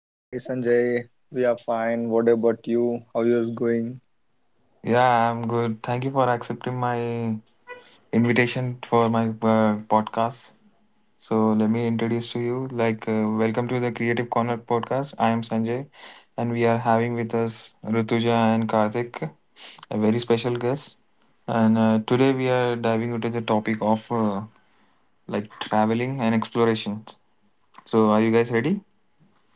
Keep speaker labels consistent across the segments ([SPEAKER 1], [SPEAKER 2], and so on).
[SPEAKER 1] Hi Sanjay, we are fine. What about you? How yours going?
[SPEAKER 2] Yeah, I'm good. Thank you for accepting my invitation for my podcast. So let me introduce to you. Like, welcome to the Creative Corner podcast. I am Sanjay, and we are having with us Rituja and Karthik, a very special guest. And today we are diving into the topic of like traveling and exploration. So, are you guys ready?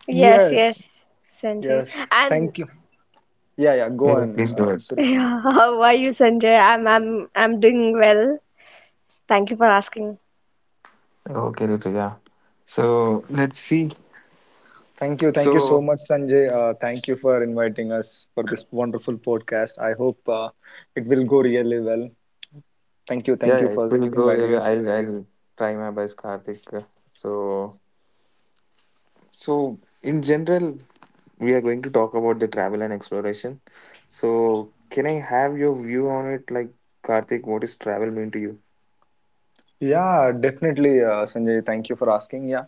[SPEAKER 3] Yes,
[SPEAKER 1] Yes,
[SPEAKER 3] yes, Sanjay.
[SPEAKER 1] yes,
[SPEAKER 3] And
[SPEAKER 1] thank you. Yeah, yeah, go
[SPEAKER 2] Yeah,
[SPEAKER 1] on.
[SPEAKER 2] please go ahead.
[SPEAKER 1] Surit.
[SPEAKER 3] how are you, Sanjay? I'm doing well. Thank you for asking.
[SPEAKER 2] Okay, Rituja. So let's see.
[SPEAKER 1] Thank you so
[SPEAKER 2] So
[SPEAKER 1] much, Sanjay. Thank you for inviting us for this wonderful podcast. I hope it will go really well.
[SPEAKER 2] yeah,
[SPEAKER 1] Thank
[SPEAKER 2] yeah,
[SPEAKER 1] you
[SPEAKER 2] it
[SPEAKER 1] for
[SPEAKER 2] will go. Yeah,
[SPEAKER 1] inviting
[SPEAKER 2] yeah,
[SPEAKER 1] us.
[SPEAKER 2] I'll try my best, Karthik. So so in general, we are going to talk about the travel and exploration. So can I have your view on it, like Karthik? What does travel mean to you?
[SPEAKER 1] Yeah, definitely, Sanjay. Thank you for asking. Yeah,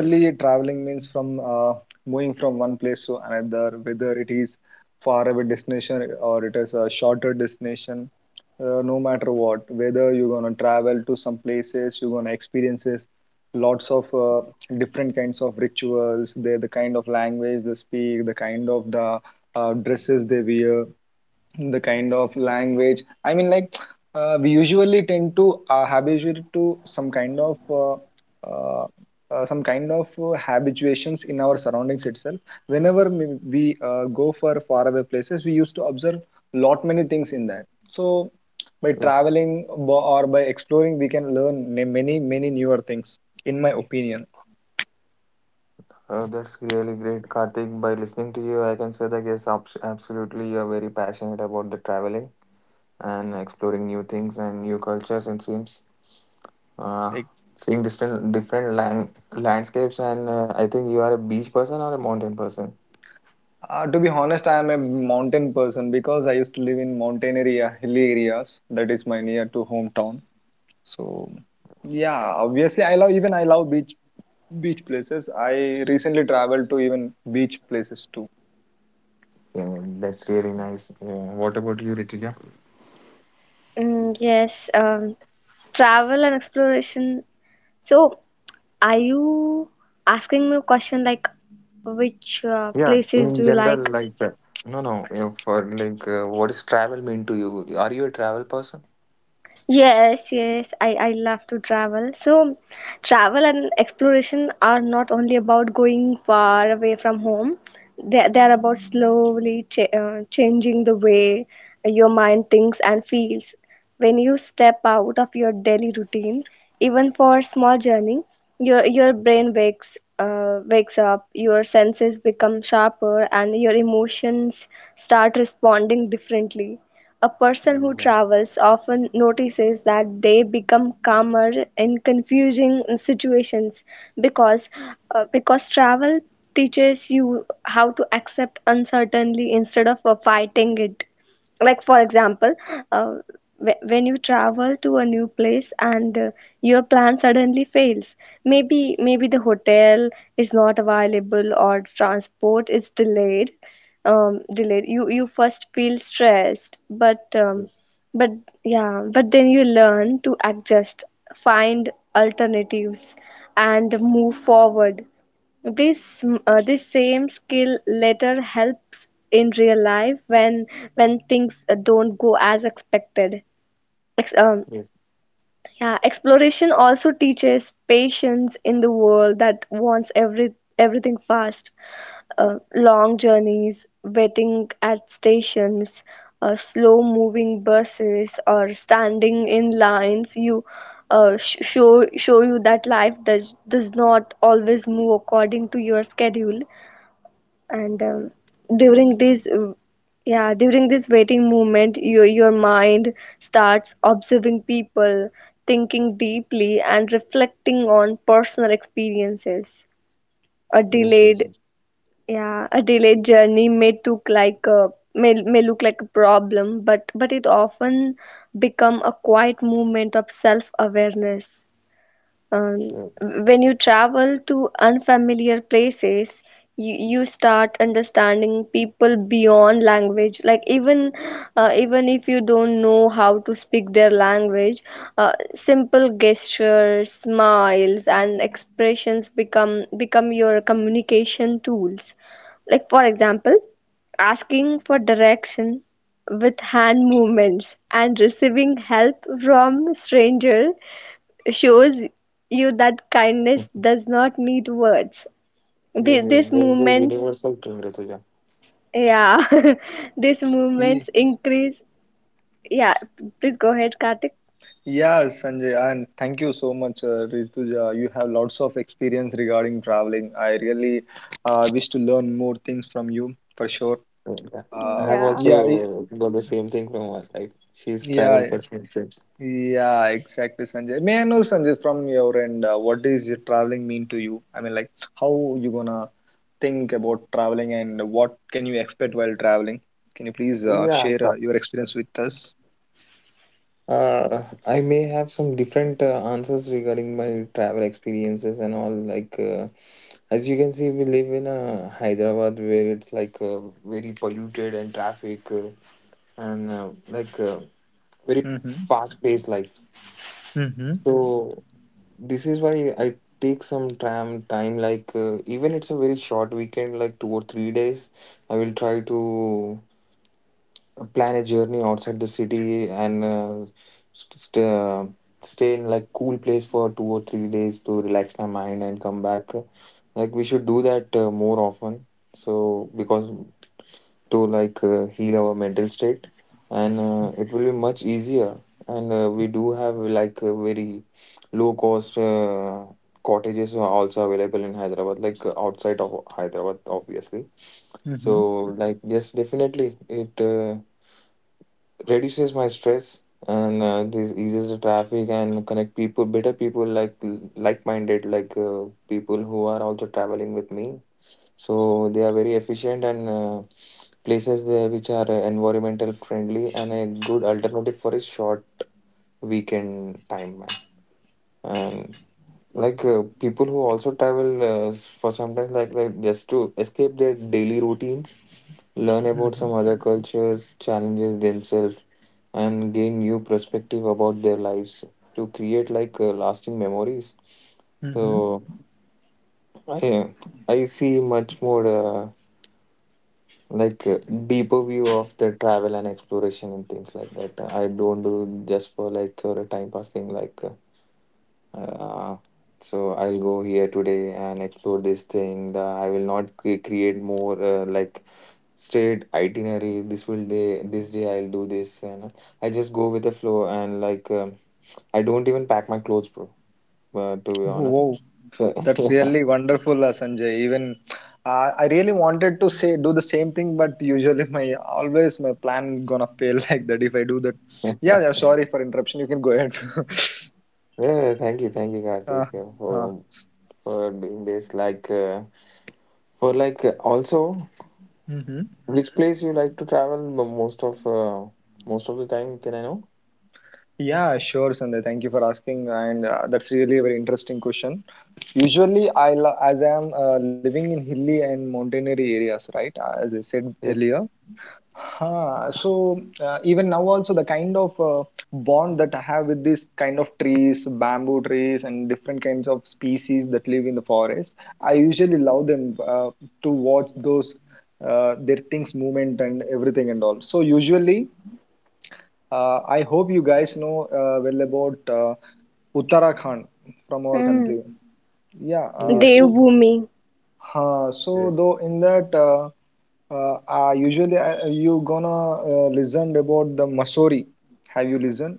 [SPEAKER 2] Yes,
[SPEAKER 1] traveling means from moving from one place to another, whether it is far away destination or it is a shorter destination. No matter what, whether you're gonna travel to some places, you're gonna experiences lots of different kinds of rituals. The kind of language they speak, the kind of the dresses they wear, the kind of language, I mean, like, we usually tend to habituate to uh, some kind of habituations in our surroundings itself, whenever we go for faraway places. We used to observe lot many things in that. So by
[SPEAKER 2] yes.
[SPEAKER 1] traveling, or by exploring, we can learn many newer things, in my opinion.
[SPEAKER 2] That's really great, Karthik. By listening to you, I can say that yes, absolutely, you are very passionate about the traveling and exploring new things and new cultures and scenes. Uh,
[SPEAKER 1] Like,
[SPEAKER 2] Seeing different landscapes, and I think you are a beach person or a mountain person.
[SPEAKER 1] to be honest, I am a mountain person because I used to live in mountain area, hilly areas. That is my near to hometown. So, yeah, obviously, I love beach places. I recently traveled to even beach places too.
[SPEAKER 2] Yeah, that's really nice. Yeah. What about you, Ritika?
[SPEAKER 3] Yes, travel and exploration. So, are you asking me a question like which
[SPEAKER 2] Yeah,
[SPEAKER 3] places do
[SPEAKER 2] in
[SPEAKER 3] you like?
[SPEAKER 2] general, like no, no. You know, for like, what does travel mean to you? Are you a travel person?
[SPEAKER 3] Yes, yes, I love to travel. So, travel and exploration are not only about going far away from home, they're about slowly changing the way your mind thinks and feels. When you step out of your daily routine, even for a small journey, your
[SPEAKER 2] Yes,
[SPEAKER 3] brain wakes up, your senses become sharper, and your emotions start responding differently. A person who
[SPEAKER 2] yes,
[SPEAKER 3] travels often notices that they become calmer in confusing situations because because travel teaches you how to accept uncertainty instead of fighting it. Like for example, uh, when you travel to a new place and your plan suddenly fails, maybe the hotel is not available or transport is delayed you first feel stressed, but
[SPEAKER 2] yes,
[SPEAKER 3] but yeah, but then you learn to adjust, find alternatives, and move forward. This this same skill later helps in real life when things don't go as expected. Ex- um,
[SPEAKER 2] yes,
[SPEAKER 3] yeah, exploration also teaches patience in the world that wants everything fast. Long journeys, waiting at stations, slow moving buses, or standing in lines. You show you that life does not always move according to your schedule. and um, during
[SPEAKER 2] yes,
[SPEAKER 3] this uh, yeah, during this waiting moment, your mind starts observing people, thinking deeply, and reflecting on personal experiences. A
[SPEAKER 2] yes, yes,
[SPEAKER 3] delayed
[SPEAKER 2] yes,
[SPEAKER 3] Yeah, a delayed journey may took like a may look like a problem, but it often become a quiet movement of self awareness. um,
[SPEAKER 2] sure.
[SPEAKER 3] when you travel to unfamiliar places, you start understanding people beyond language. Like even even if you don't know how to speak their language, simple gestures, smiles, and expressions become your communication tools. Like for example, asking for direction with hand movements and receiving help from stranger shows you that kindness does not need words. Thi-
[SPEAKER 2] Yes, yes.
[SPEAKER 3] these
[SPEAKER 2] There's a
[SPEAKER 3] movements,
[SPEAKER 2] universal thing, Rituja.
[SPEAKER 3] yeah, These
[SPEAKER 1] Ye-
[SPEAKER 3] movements increase. Yeah, please go ahead, Karthik.
[SPEAKER 1] Yeah, Sanjay, and thank you so much, Rituja. You have lots of experience regarding traveling. I really wish to learn more things from you for sure.
[SPEAKER 2] Yeah. I
[SPEAKER 1] Uh,
[SPEAKER 2] have
[SPEAKER 3] Yeah.
[SPEAKER 1] yeah, y-
[SPEAKER 2] also got the same thing from her. Like she's travel
[SPEAKER 1] yeah.
[SPEAKER 2] person trips.
[SPEAKER 1] Yeah, exactly, Sanjay. May I know, Sanjay, from your end, what does your traveling mean to you? I mean, like, how you gonna think about traveling and what can you expect while traveling? Can you please
[SPEAKER 2] Yeah,
[SPEAKER 1] share
[SPEAKER 2] sure.
[SPEAKER 1] your experience with us?
[SPEAKER 2] I may have some different answers regarding my travel experiences and all. Like, as you can see, we live in Hyderabad where it's like very polluted and traffic and like very
[SPEAKER 1] Mm-hmm.
[SPEAKER 2] fast paced life.
[SPEAKER 1] Mm-hmm.
[SPEAKER 2] So, this is why I take some tram time. Like, even it's a very short weekend, like 2 or 3 days, I will try to plan a journey outside the city and st- st- uh, stay in like cool place for 2 or 3 days to relax my mind and come back. Like we should do that more often, so because to like heal our mental state, and it will be much easier. And we do have like a very low cost cottages are also available in Hyderabad, like outside of Hyderabad obviously. So
[SPEAKER 1] Mm-hmm.
[SPEAKER 2] like yes, definitely it reduces my stress, and this eases the traffic and connect people better, people like like-minded, like people who are also traveling with me, so they are very efficient. And places there which are environmental friendly and a good alternative for a short weekend time, man. And like people who also travel for sometimes, like just to escape their daily routines, learn about
[SPEAKER 1] Mm-hmm.
[SPEAKER 2] some other cultures, challenges themselves, and gain new perspective about their lives to create like lasting memories.
[SPEAKER 1] Mm-hmm.
[SPEAKER 2] So i I see much more like deeper view of the travel and exploration, and things like that I don't do just for like or a time pass thing, like uh, so I'll go here today and explore this thing I will not create more like straight itinerary, this will day this day I'll do this, and I just go with the flow and like I don't even pack my clothes, bro. To be honest,
[SPEAKER 1] Wow,
[SPEAKER 2] so
[SPEAKER 1] that's
[SPEAKER 2] yeah,
[SPEAKER 1] really wonderful, Sanjay. Even I really wanted to say do the same thing, but usually my plan gonna fail like that if I do that. Yeah, yeah. Sorry for interruption. You can go ahead.
[SPEAKER 2] yeah. Thank you,
[SPEAKER 1] Uh,
[SPEAKER 2] Karthik,
[SPEAKER 1] uh,
[SPEAKER 2] for doing this. Like, for like also,
[SPEAKER 1] hmm
[SPEAKER 2] which place you like to travel the most of the time? Can I know?
[SPEAKER 1] Yeah, sure, Sunday. Thank you for asking, and that's really a very interesting question. Usually, as I am living in hilly and mountainary areas, right? As I said
[SPEAKER 2] Yes,
[SPEAKER 1] earlier. Huh. So even now also, the kind of bond that I have with this kind of trees, bamboo trees, and different kinds of species that live in the forest, I usually love them, to watch those their things movement and everything and all. So usually, I hope you guys know well about Uttarakhand from our
[SPEAKER 3] Mm.
[SPEAKER 1] country. Yeah, uh,
[SPEAKER 2] yes,
[SPEAKER 3] They.
[SPEAKER 1] so
[SPEAKER 2] yes,
[SPEAKER 1] uh, so
[SPEAKER 2] yes,
[SPEAKER 1] though in that, usually you gonna listen about the Masori. Have you listened?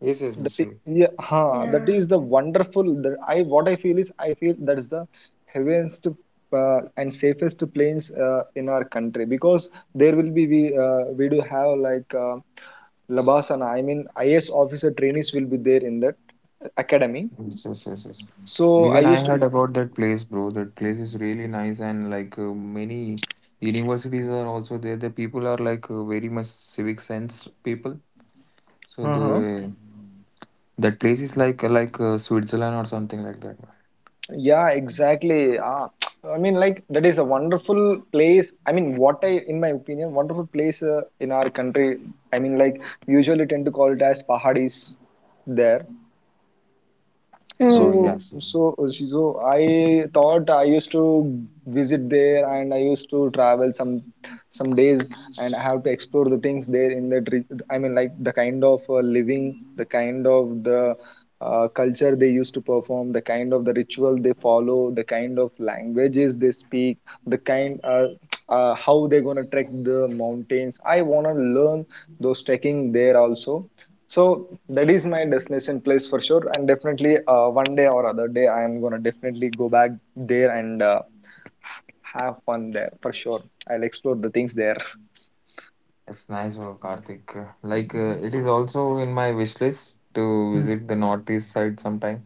[SPEAKER 2] yes, yes,
[SPEAKER 1] That is,
[SPEAKER 2] Mr.
[SPEAKER 1] yeah. Huh, that
[SPEAKER 3] Yeah.
[SPEAKER 1] is the wonderful. That I what I feel is I feel that is the heaviest and safest planes in our country, because there will be we do have, like, Labasana, I mean, IS officer trainees will be there in that academy.
[SPEAKER 2] Yes, yes, yes, yes.
[SPEAKER 1] So I
[SPEAKER 2] Even I
[SPEAKER 1] used to.
[SPEAKER 2] heard about that place, bro. That place is really nice, and like many universities are also there. The people are like very much civic sense people. So
[SPEAKER 1] Uh-huh.
[SPEAKER 2] the that place is like Switzerland or something like that.
[SPEAKER 1] Yeah, exactly. Ah, I mean, like, that is a wonderful place. I mean, what I, in my opinion, wonderful place in our country. I mean, like, we usually tend to call it as pahadis there.
[SPEAKER 2] Oh
[SPEAKER 3] Hmm.
[SPEAKER 1] So,
[SPEAKER 2] yes,
[SPEAKER 1] so, she- so I thought I used to visit there, and I used to travel some days, and I have to explore the things there, I mean, like, the kind of living, the kind of the culture they used to perform, the kind of the ritual they follow, the kind of languages they speak, the kind how they're gonna trek the mountains. I wanna learn those trekking there also. So that is my destination place for sure, and definitely one day or other day I am gonna definitely go back there, and have fun there for sure. I'll explore the things there.
[SPEAKER 2] it's nice, oh, Karthik. Like it is also in my wish list to
[SPEAKER 1] Hmm.
[SPEAKER 2] visit the northeast side sometime.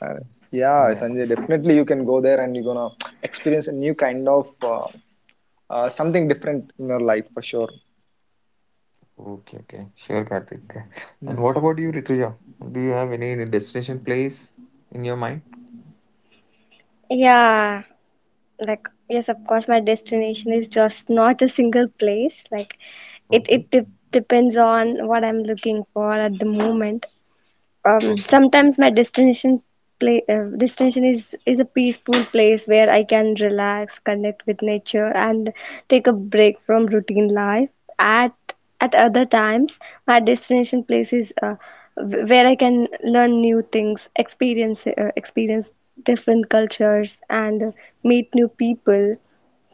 [SPEAKER 1] Uh, yeah,
[SPEAKER 2] Yeah.
[SPEAKER 1] Sanjay, definitely you can go there and you're gonna experience a new kind of something different in your life for sure.
[SPEAKER 2] Okay, okay, sure, Karthik. And what
[SPEAKER 1] Mhm.
[SPEAKER 2] about you, Rituja? Do you have any destination place in your mind?
[SPEAKER 3] Yeah. Like yes, of course, my destination is just not a single place. Like it,
[SPEAKER 2] Okay,
[SPEAKER 3] it de- depends on what I'm looking for at the moment.
[SPEAKER 2] okay,
[SPEAKER 3] Sometimes my destination is a peaceful place where I can relax, connect with nature, and take a break from routine life. At at other times, my destination place is where I can learn new things, experience different cultures, and meet new people.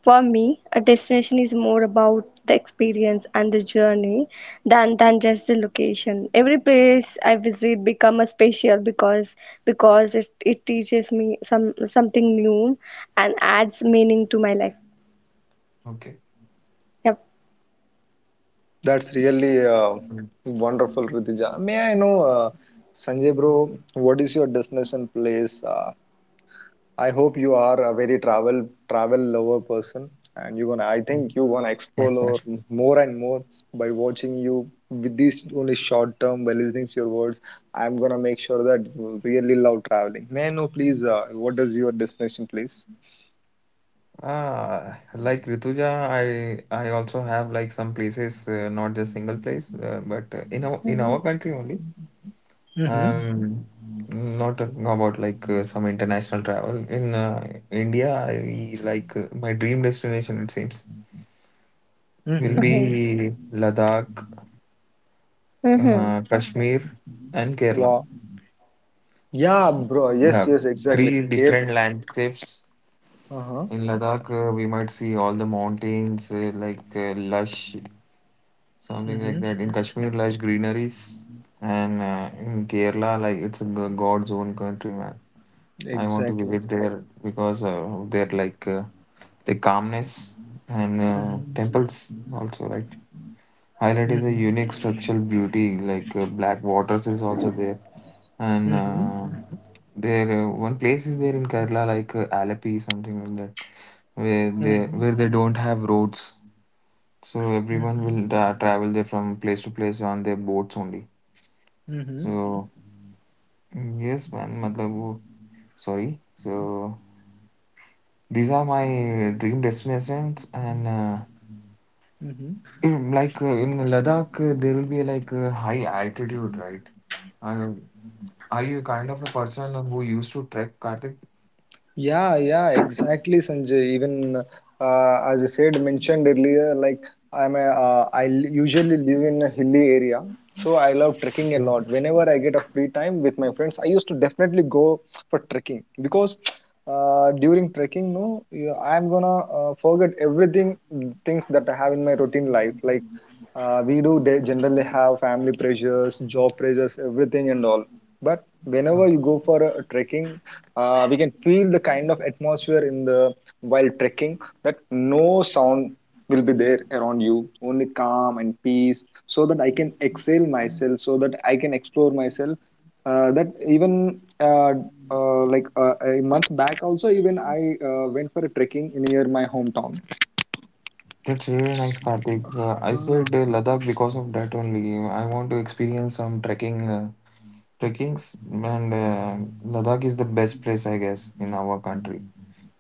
[SPEAKER 3] For me, a destination is more about the experience and the journey than just the location. Every place I visit become a special because it teaches me something new and adds meaning to my life.
[SPEAKER 2] okay.
[SPEAKER 3] Yep.
[SPEAKER 1] That's really wonderful, Ritija. May I know, Sanjay bro, what is your destination place? I hope you are a very travel lover person, and you gonna. I think
[SPEAKER 2] Mm.
[SPEAKER 1] you gonna explore more and more by watching you with this only short term by listening to your words. I'm gonna make sure that you really love traveling. May I know, please, what is your destination, please?
[SPEAKER 2] Ah, like Rituja, I also have like some places, not just single place, but in our in
[SPEAKER 3] Hmm.
[SPEAKER 2] our country only.
[SPEAKER 1] Mm-hmm.
[SPEAKER 2] Um, Not talking about like some international travel. In India, I like my dream destination, it seems, will
[SPEAKER 1] Mm-hmm.
[SPEAKER 3] Okay.
[SPEAKER 2] be Ladakh,
[SPEAKER 3] Mm-hmm.
[SPEAKER 2] Kashmir, and Kerala.
[SPEAKER 1] Wow. Yeah, bro. Yes,
[SPEAKER 2] Now,
[SPEAKER 1] yes, exactly.
[SPEAKER 2] three
[SPEAKER 1] Care.
[SPEAKER 2] different landscapes.
[SPEAKER 1] Uh-huh.
[SPEAKER 2] In Ladakh, we might see all the mountains, like lush, something
[SPEAKER 1] Mm-hmm.
[SPEAKER 2] like that. In Kashmir, lush greeneries. And in Kerala, like it's a God's own country, man. I want to
[SPEAKER 1] Exactly.
[SPEAKER 2] visit there because of their like the calmness, and
[SPEAKER 1] Mm-hmm.
[SPEAKER 2] temples also, right? Highlight is a
[SPEAKER 1] Mm-hmm.
[SPEAKER 2] unique structural beauty. Like black waters is also there, and
[SPEAKER 1] Mm-hmm.
[SPEAKER 2] there one place is there in Kerala like Alapi something like that,
[SPEAKER 1] Mm-hmm.
[SPEAKER 2] where they don't have roads, so everyone will travel there from place to place on their boats only.
[SPEAKER 1] Mm-hmm.
[SPEAKER 2] So yes, man. मतलब वो- Sorry. So. These are my dream destinations, and
[SPEAKER 1] Mm-hmm.
[SPEAKER 2] like in Ladakh, there will be like a high altitude, right? Uh, are you kind of a person who used to trek, Karthik?
[SPEAKER 1] Yeah, yeah, exactly, Sanjay. Even as I said, mentioned earlier, like, I usually live in a hilly area, so I love trekking a
[SPEAKER 2] Yeah.
[SPEAKER 1] lot. Whenever I get a free time with my friends, I used to definitely go for trekking, because during trekking, no, I'm gonna forget everything, things that I have in my routine life, like, we do generally have family pressures, job pressures, everything and all. But whenever you
[SPEAKER 2] Okay.
[SPEAKER 1] go for a trekking, we can feel the kind of atmosphere in the while trekking, that no sound will be there around you, only calm and peace, so that I can exhale myself, so that I can explore myself, that even, like, a month back also, even I went for a trekking near my hometown.
[SPEAKER 2] That's really nice, Karthik. I
[SPEAKER 1] Ah.
[SPEAKER 2] said Ladakh because of that only. I want to experience some trekkings, and Ladakh is the best place, I guess, in our country.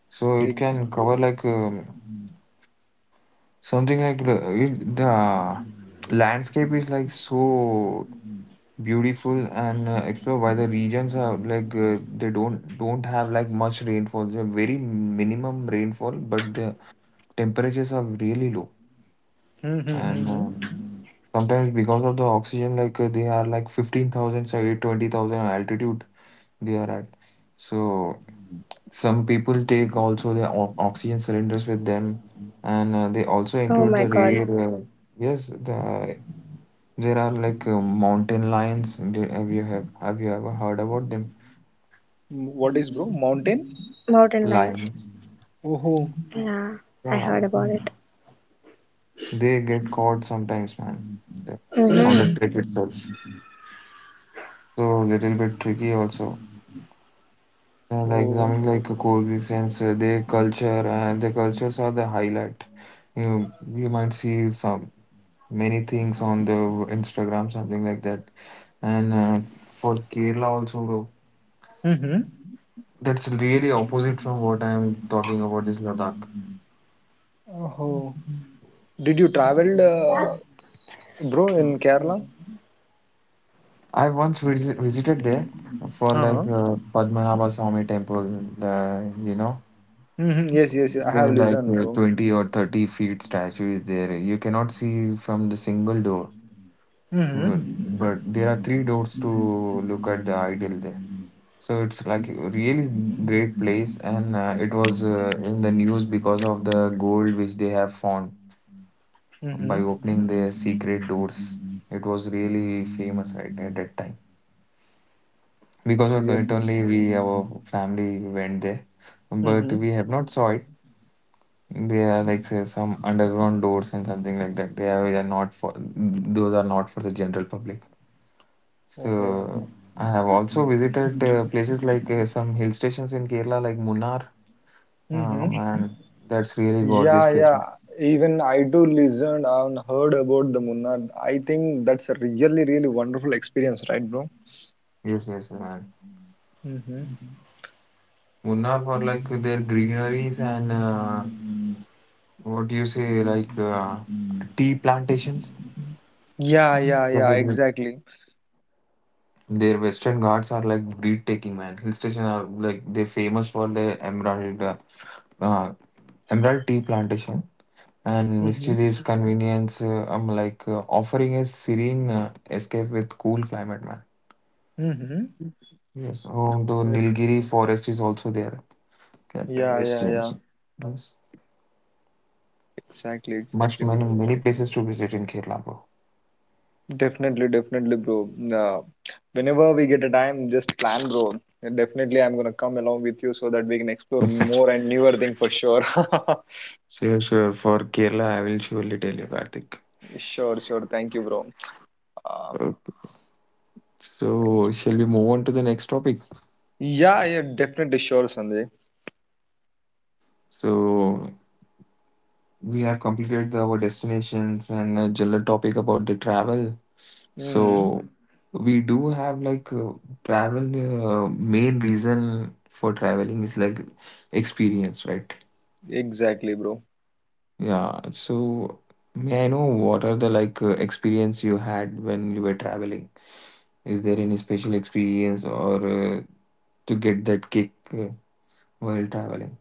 [SPEAKER 2] So it
[SPEAKER 1] Ex-
[SPEAKER 2] can cover like something like the landscape is like so beautiful, and explored why the regions are like they don't have like much rainfall. They have very minimum rainfall, but the temperatures are really low. And sometimes because of the oxygen, like they are like 15,000, say 20,000 altitude they are at. So some people take also their oxygen cylinders with them, and they also
[SPEAKER 3] Oh
[SPEAKER 2] include
[SPEAKER 3] my
[SPEAKER 2] the
[SPEAKER 3] God,
[SPEAKER 2] rare. Yes, there are like mountain lions. Have you ever heard about them?
[SPEAKER 1] What is, bro? Mountain?
[SPEAKER 3] mountain lions.
[SPEAKER 2] Lions.
[SPEAKER 1] Oh.
[SPEAKER 3] Yeah, I
[SPEAKER 2] Yeah,
[SPEAKER 3] heard about it.
[SPEAKER 2] they get caught sometimes, man, the- on the
[SPEAKER 1] Mm-hmm.
[SPEAKER 2] trip
[SPEAKER 3] Mm-hmm.
[SPEAKER 2] itself. So little bit tricky also. Yeah, like
[SPEAKER 1] Oh.
[SPEAKER 2] something like a coexistence, their culture and their cultures are the highlight. You might see some many things on the Instagram, something like that. And for Kerala also, bro,
[SPEAKER 1] Mm-hmm.
[SPEAKER 2] that's really opposite from what I am talking about is Ladakh.
[SPEAKER 1] Oh. Did you travel, bro, in Kerala?
[SPEAKER 2] I once visited there for like
[SPEAKER 1] Uh-huh.
[SPEAKER 2] Padmanabha Swami temple. You know,
[SPEAKER 1] Mm-hmm. Yes, yes, I
[SPEAKER 2] there are
[SPEAKER 1] have
[SPEAKER 2] like
[SPEAKER 1] listened, bro.
[SPEAKER 2] 20 or 30 feet statue is there. You cannot see from the single door,
[SPEAKER 1] Mm-hmm.
[SPEAKER 2] but, there are three doors to look at the idol there. So it's like a really great place, and it was in the news because of the gold which they have found by
[SPEAKER 1] Mm-hmm.
[SPEAKER 2] opening their secret doors. It was really famous at that time. Because of
[SPEAKER 1] Real.
[SPEAKER 2] it only, we our family went there, but
[SPEAKER 1] Mm-hmm.
[SPEAKER 2] we have not saw it. They are like say some underground doors and something like that. They are not for those are not for the general public.
[SPEAKER 1] Oh.
[SPEAKER 2] So I have also visited places like some hill stations in Kerala, like Munnar. Oh
[SPEAKER 1] Mm-hmm.
[SPEAKER 2] man, that's really gorgeous
[SPEAKER 1] Yeah,
[SPEAKER 2] place,
[SPEAKER 1] yeah.
[SPEAKER 2] man.
[SPEAKER 1] Even I do listen and heard about the Munnar. I think that's a really, really wonderful experience, right, bro?
[SPEAKER 2] Yes, yes, man.
[SPEAKER 1] Mm-hmm.
[SPEAKER 2] Munnar for like their greeneries, and what do you say, like tea plantations?
[SPEAKER 1] Yeah, yeah, yeah.
[SPEAKER 2] Their
[SPEAKER 1] Exactly.
[SPEAKER 2] Western Ghats are like breed taking, man. Hill station are like they're famous for their uh, emerald tea plantation and
[SPEAKER 1] Mm-hmm.
[SPEAKER 2] Misty Leaves convenience. I'm like offering a serene escape with cool climate, man.
[SPEAKER 1] Mm-hmm.
[SPEAKER 2] Yes, oh, the Nilgiri forest is also there. Captain
[SPEAKER 1] Yeah, yeah,
[SPEAKER 2] Western.
[SPEAKER 1] yeah.
[SPEAKER 2] Yes.
[SPEAKER 1] Exactly,
[SPEAKER 2] Much
[SPEAKER 1] exactly,
[SPEAKER 2] many
[SPEAKER 1] bro.
[SPEAKER 2] many places to visit in Kerala, bro.
[SPEAKER 1] Definitely, definitely, bro. Whenever we get a time, just plan, bro. And definitely, I'm gonna come along with you so that we can explore more and newer thing for sure.
[SPEAKER 2] Sure, sure. For Kerala, I will surely tell you, Karthik.
[SPEAKER 1] Sure, sure. Thank you, bro. Uh, Thank
[SPEAKER 2] So, shall we move on to the next topic?
[SPEAKER 1] you. Yeah, yeah, definitely sure, Sanjay.
[SPEAKER 2] So, we have completed our destinations and a general topic about the travel.
[SPEAKER 1] Hmm.
[SPEAKER 2] So, we do have like travel, main reason for traveling is like experience, right?
[SPEAKER 1] Exactly, bro.
[SPEAKER 2] Yeah. So, may I know what are the like experience you had when you were traveling? Is there any special experience, or to get that kick while traveling?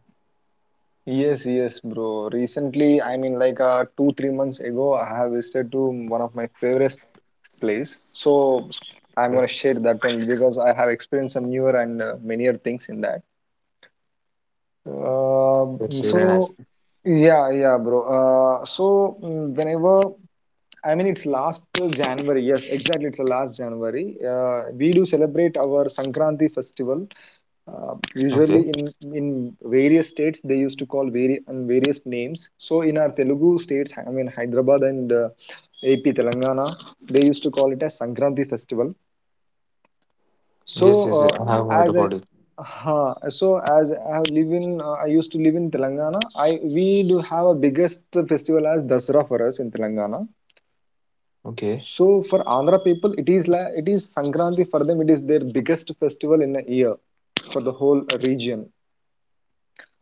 [SPEAKER 1] Yes, yes, bro. Recently, I mean, like, 2, 3 months ago, I have visited to one of my favorite place. So I'm gonna share that only, because I have experienced some newer and manier things in that.
[SPEAKER 2] That's
[SPEAKER 1] So,
[SPEAKER 2] really nice.
[SPEAKER 1] yeah, yeah, bro. So, whenever I mean it's last January, yes, exactly. It's the last January. We do celebrate our Sankranti festival. Usually
[SPEAKER 2] Okay.
[SPEAKER 1] in various states they used to call and various names. So in our Telugu states, I mean Hyderabad and AP Telangana, they used to call it as Sankranti festival. So,
[SPEAKER 2] Yes, yes,
[SPEAKER 1] uh,
[SPEAKER 2] yeah, I have heard
[SPEAKER 1] as I
[SPEAKER 2] about it.
[SPEAKER 1] huh, so as I have live in, I used to live in Telangana. I we do have a biggest festival as Dasara for us in Telangana.
[SPEAKER 2] Okay,
[SPEAKER 1] So for Andhra people, it is like it is Sankranti for them. It is their biggest festival in a year for the whole region.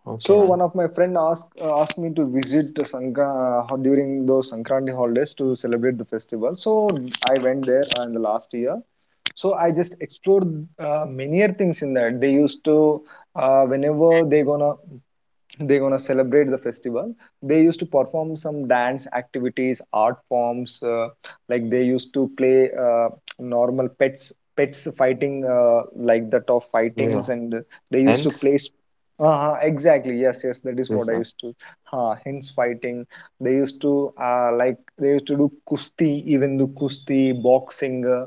[SPEAKER 2] okay,
[SPEAKER 1] So one
[SPEAKER 2] man.
[SPEAKER 1] of my friend asked, asked me to visit the Sankra during those Sankranti holidays to celebrate the festival. So I went there in the last year, so I just explored many things in that. They used to, whenever they gonna celebrate the festival, they used to perform some dance activities, art forms, like they used to play normal pets fighting, like the tough fightings,
[SPEAKER 2] Yeah.
[SPEAKER 1] and they used to
[SPEAKER 2] Hence,
[SPEAKER 1] play exactly, yes, yes, that is what
[SPEAKER 2] yes,
[SPEAKER 1] I
[SPEAKER 2] man.
[SPEAKER 1] used to, hence fighting, they used to, like they used to do kusti, even do kusti boxing, uh,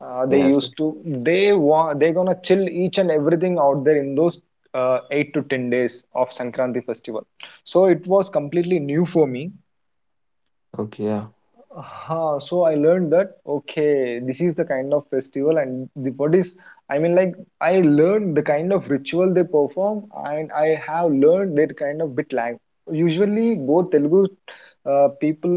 [SPEAKER 1] uh, they
[SPEAKER 2] Yes.
[SPEAKER 1] used to, they're gonna chill each and everything out there in those, 8 to 10 days of sankranti festival, so it was completely new for me.
[SPEAKER 2] Okay, yeah.
[SPEAKER 1] Huh, so I learned that, okay, this is the kind of festival, and the what is, I mean, like, I learned the kind of ritual they perform, and I have learned that kind of bit lang. Usually both Telugu people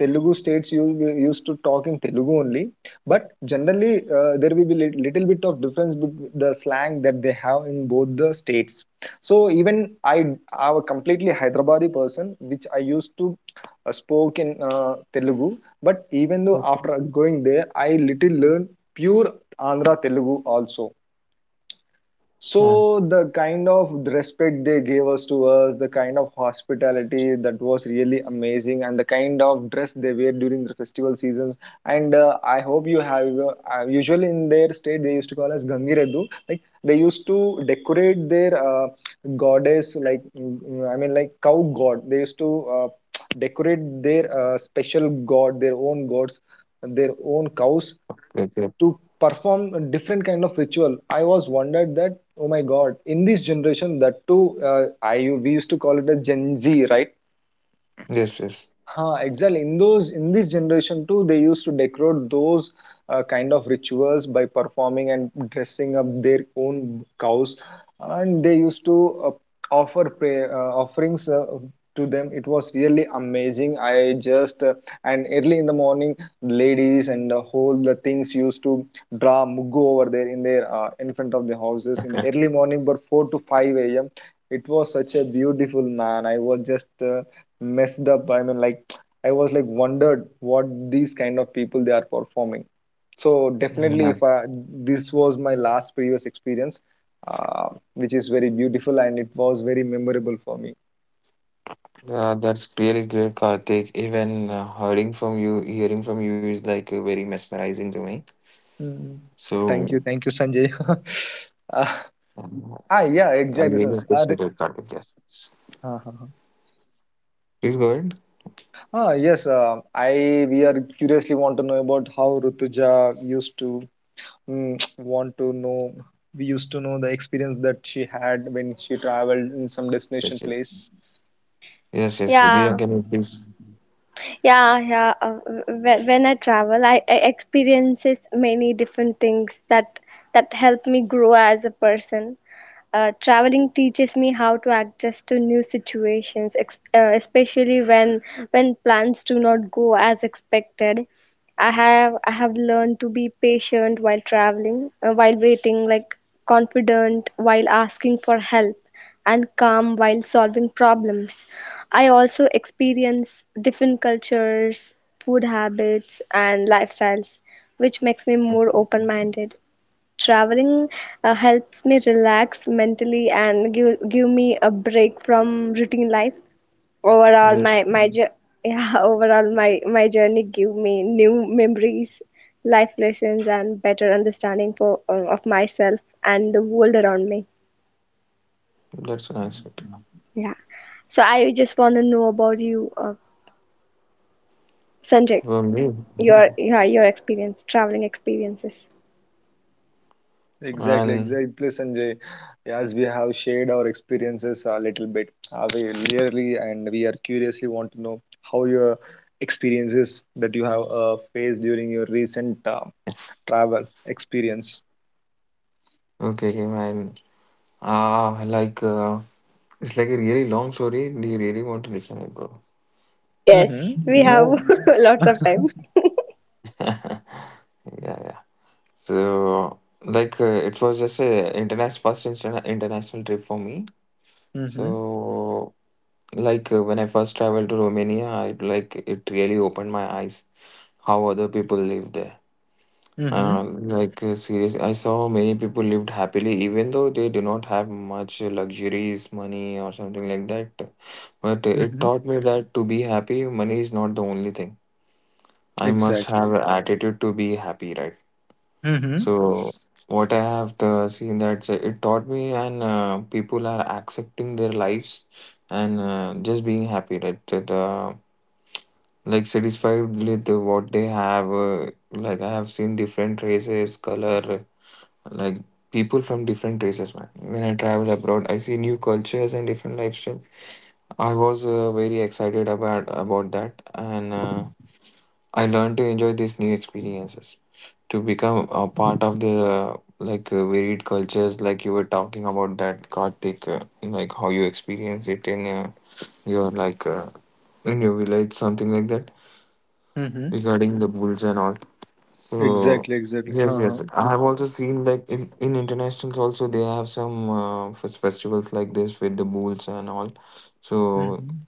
[SPEAKER 1] Telugu states, used to talk in Telugu only, but generally there will be little bit of difference between the slang that they have in both the states. So even I I am a completely Hyderabadi person, which I used to spoke in Telugu. But even though
[SPEAKER 2] Okay,
[SPEAKER 1] after going there, I little learned pure Andhra Telugu also.
[SPEAKER 2] man.
[SPEAKER 1] So the kind of respect they gave us to us, the kind of hospitality that was really amazing, and the kind of dress they wear during the festival seasons. And I hope you have usually in their state they used to call us Gangiredu. Like they used to decorate their goddess, like I mean like cow god. They used to decorate their special god, their own gods, their own cows
[SPEAKER 2] Great, great.
[SPEAKER 1] to perform a different kind of ritual. I was wondered that oh my god, in this generation, that too, I we used to call it a gen z, right?
[SPEAKER 2] Yes, yes.
[SPEAKER 1] Huh, exactly. In those, in this generation too, they used to decorate those kind of rituals by performing and dressing up their own cows, and they used to offer pray, offerings to them. It was really amazing. I just and early in the morning, ladies and the whole the things used to draw mugu over there in their in front of the houses in the early morning, but four to five a.m. It was such a beautiful man. I was just. Messed up, I mean like I was like wondered what these kind of people they are performing. So
[SPEAKER 2] Mm,
[SPEAKER 1] definitely, if
[SPEAKER 2] man.
[SPEAKER 1] I, this was my last previous experience, uh, which is very beautiful and it was very memorable for me.
[SPEAKER 2] That's really great, Karthik. Even hearing from you is like very mesmerizing to me.
[SPEAKER 1] Mm. Thank
[SPEAKER 2] So,
[SPEAKER 1] you, thank you, Sanjay. uh,
[SPEAKER 2] um,
[SPEAKER 1] ah yeah,
[SPEAKER 2] I
[SPEAKER 1] exactly,
[SPEAKER 2] really appreciate it, Karthik. Yes.
[SPEAKER 1] Ah, ah, ah.
[SPEAKER 2] Please go ahead.
[SPEAKER 1] Ah, yes, I we are curiously want to know about how Rutuja used to, mm, want to know, we used to know the experience that she had when she traveled in some destination
[SPEAKER 2] Yes, yes.
[SPEAKER 1] place.
[SPEAKER 2] Yes, yes, Rudhya,
[SPEAKER 3] Yeah.
[SPEAKER 2] can you please?
[SPEAKER 3] Yeah, yeah. When I travel, I experiences many different things that help me grow as a person. Traveling teaches me how to adjust to new situations, especially when plans do not go as expected. I have learned to be patient while traveling, while waiting, like confident while asking for help, and calm while solving problems. I also experience different cultures, food habits, and lifestyles, which makes me more
[SPEAKER 2] Okay.
[SPEAKER 3] open minded. Traveling helps me relax mentally and give me a break from routine life. Overall,
[SPEAKER 2] Yes,
[SPEAKER 3] my jour- yeah, overall my journey give me new memories, life lessons, and better understanding for of myself and the world around me.
[SPEAKER 2] that's nice.
[SPEAKER 3] Yeah. So I just want to know about you, Sanjay.
[SPEAKER 2] For me,
[SPEAKER 3] Your yeah, your experience, traveling experiences.
[SPEAKER 1] Exactly,
[SPEAKER 2] and
[SPEAKER 1] exactly, Sanjay. As we have shared our experiences a little bit, we really and we are curiously want to know how your experiences that you have faced during your recent travel experience.
[SPEAKER 2] okay, okay, man. Ah, like it's like a really long story. Do you really want to listen it, bro?
[SPEAKER 3] Yes,
[SPEAKER 1] Mm-hmm.
[SPEAKER 3] we have
[SPEAKER 1] No.
[SPEAKER 3] lots of time.
[SPEAKER 2] Yeah, yeah. So it was just a international international trip for me.
[SPEAKER 1] Mm-hmm.
[SPEAKER 2] So when I first traveled to Romania, I like it really opened my eyes how other people live there.
[SPEAKER 1] Mm-hmm.
[SPEAKER 2] Seriously, I saw many people lived happily, even though they do not have much luxuries, money, or something like that. But it
[SPEAKER 1] Mm-hmm.
[SPEAKER 2] taught me that to be happy, money is not the only thing. I must
[SPEAKER 1] Exactly.
[SPEAKER 2] have an attitude to be happy, right?
[SPEAKER 1] Mm-hmm.
[SPEAKER 2] So what I have seen, that it taught me, and people are accepting their lives and just being happy, right? Like satisfied with what they have. I have seen different races, color, like people from different races, man. When I travel abroad, I see new cultures and different lifestyles. I was very excited about that, and I learned to enjoy these new experiences to become a part of the varied cultures like you were talking about, that Karthik, like how you experience it in your like in your village, something like that,
[SPEAKER 1] Mm-hmm.
[SPEAKER 2] regarding the bulls and all. So
[SPEAKER 1] Exactly, exactly.
[SPEAKER 2] yes
[SPEAKER 1] Uh-huh.
[SPEAKER 2] yes I have also seen like in internationals also they have some festivals like this with the bulls and all. So
[SPEAKER 1] Mm-hmm.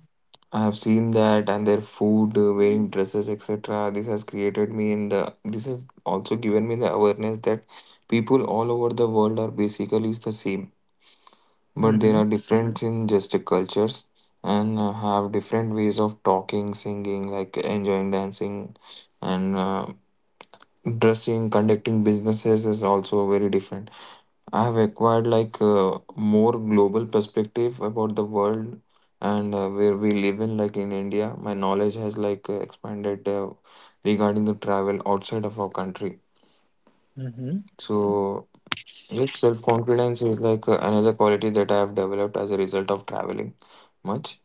[SPEAKER 2] I have seen that, and their food, wearing dresses, etc. This has also given me the awareness that people all over the world are basically is the same, but there
[SPEAKER 1] Mm-hmm.
[SPEAKER 2] are difference in just cultures, and have different ways of talking, singing, like enjoying, dancing, and dressing. Conducting businesses is also very different. I have acquired like a more global perspective about the world and where we live in, like in India. My knowledge has expanded regarding the travel outside of our country.
[SPEAKER 1] Mm-hmm.
[SPEAKER 2] So yes, self confidence is another quality that I have developed as a result of traveling much.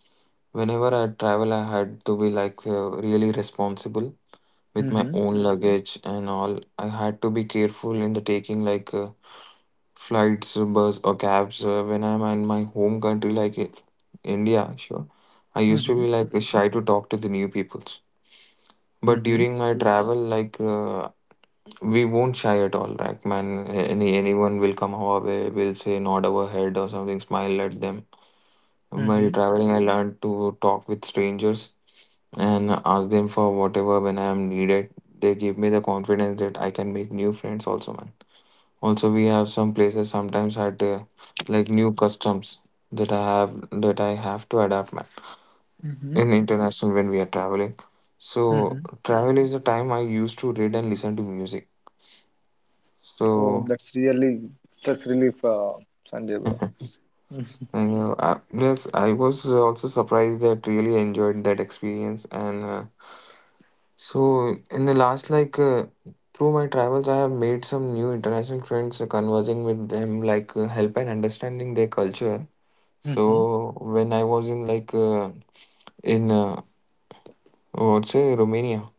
[SPEAKER 2] Whenever I travel, I had to be really responsible with my
[SPEAKER 1] Mm-hmm.
[SPEAKER 2] own luggage and all. I had to be careful in the taking flights, bus, or cabs. When I'm in my home country, India, sure, I used to
[SPEAKER 1] Mm-hmm.
[SPEAKER 2] be like shy to talk to the new peoples. But
[SPEAKER 1] Mm-hmm.
[SPEAKER 2] during my travel, we won't shy at all. Like man, anyone will come our way, will say nod our head or something, smile at them. While traveling, I learned to talk with strangers and ask them for whatever when I am needed. They give me the confidence that I can make new friends also, man. Also, we have some places sometimes had like new customs that I have to adapt, man.
[SPEAKER 1] Mm-hmm.
[SPEAKER 2] In international when we are traveling, so
[SPEAKER 1] Mm-hmm.
[SPEAKER 2] travel is the time I used to read and listen to music.
[SPEAKER 1] Oh,
[SPEAKER 2] So
[SPEAKER 1] that's really stress relief, Sanjay bro.
[SPEAKER 2] and, yes, I was also surprised that really enjoyed that experience. And so, in the last, through my travels, I have made some new international friends, conversing with them, help and understanding their culture.
[SPEAKER 1] Mm-hmm.
[SPEAKER 2] So, when I was in, in, uh, what's say Romania?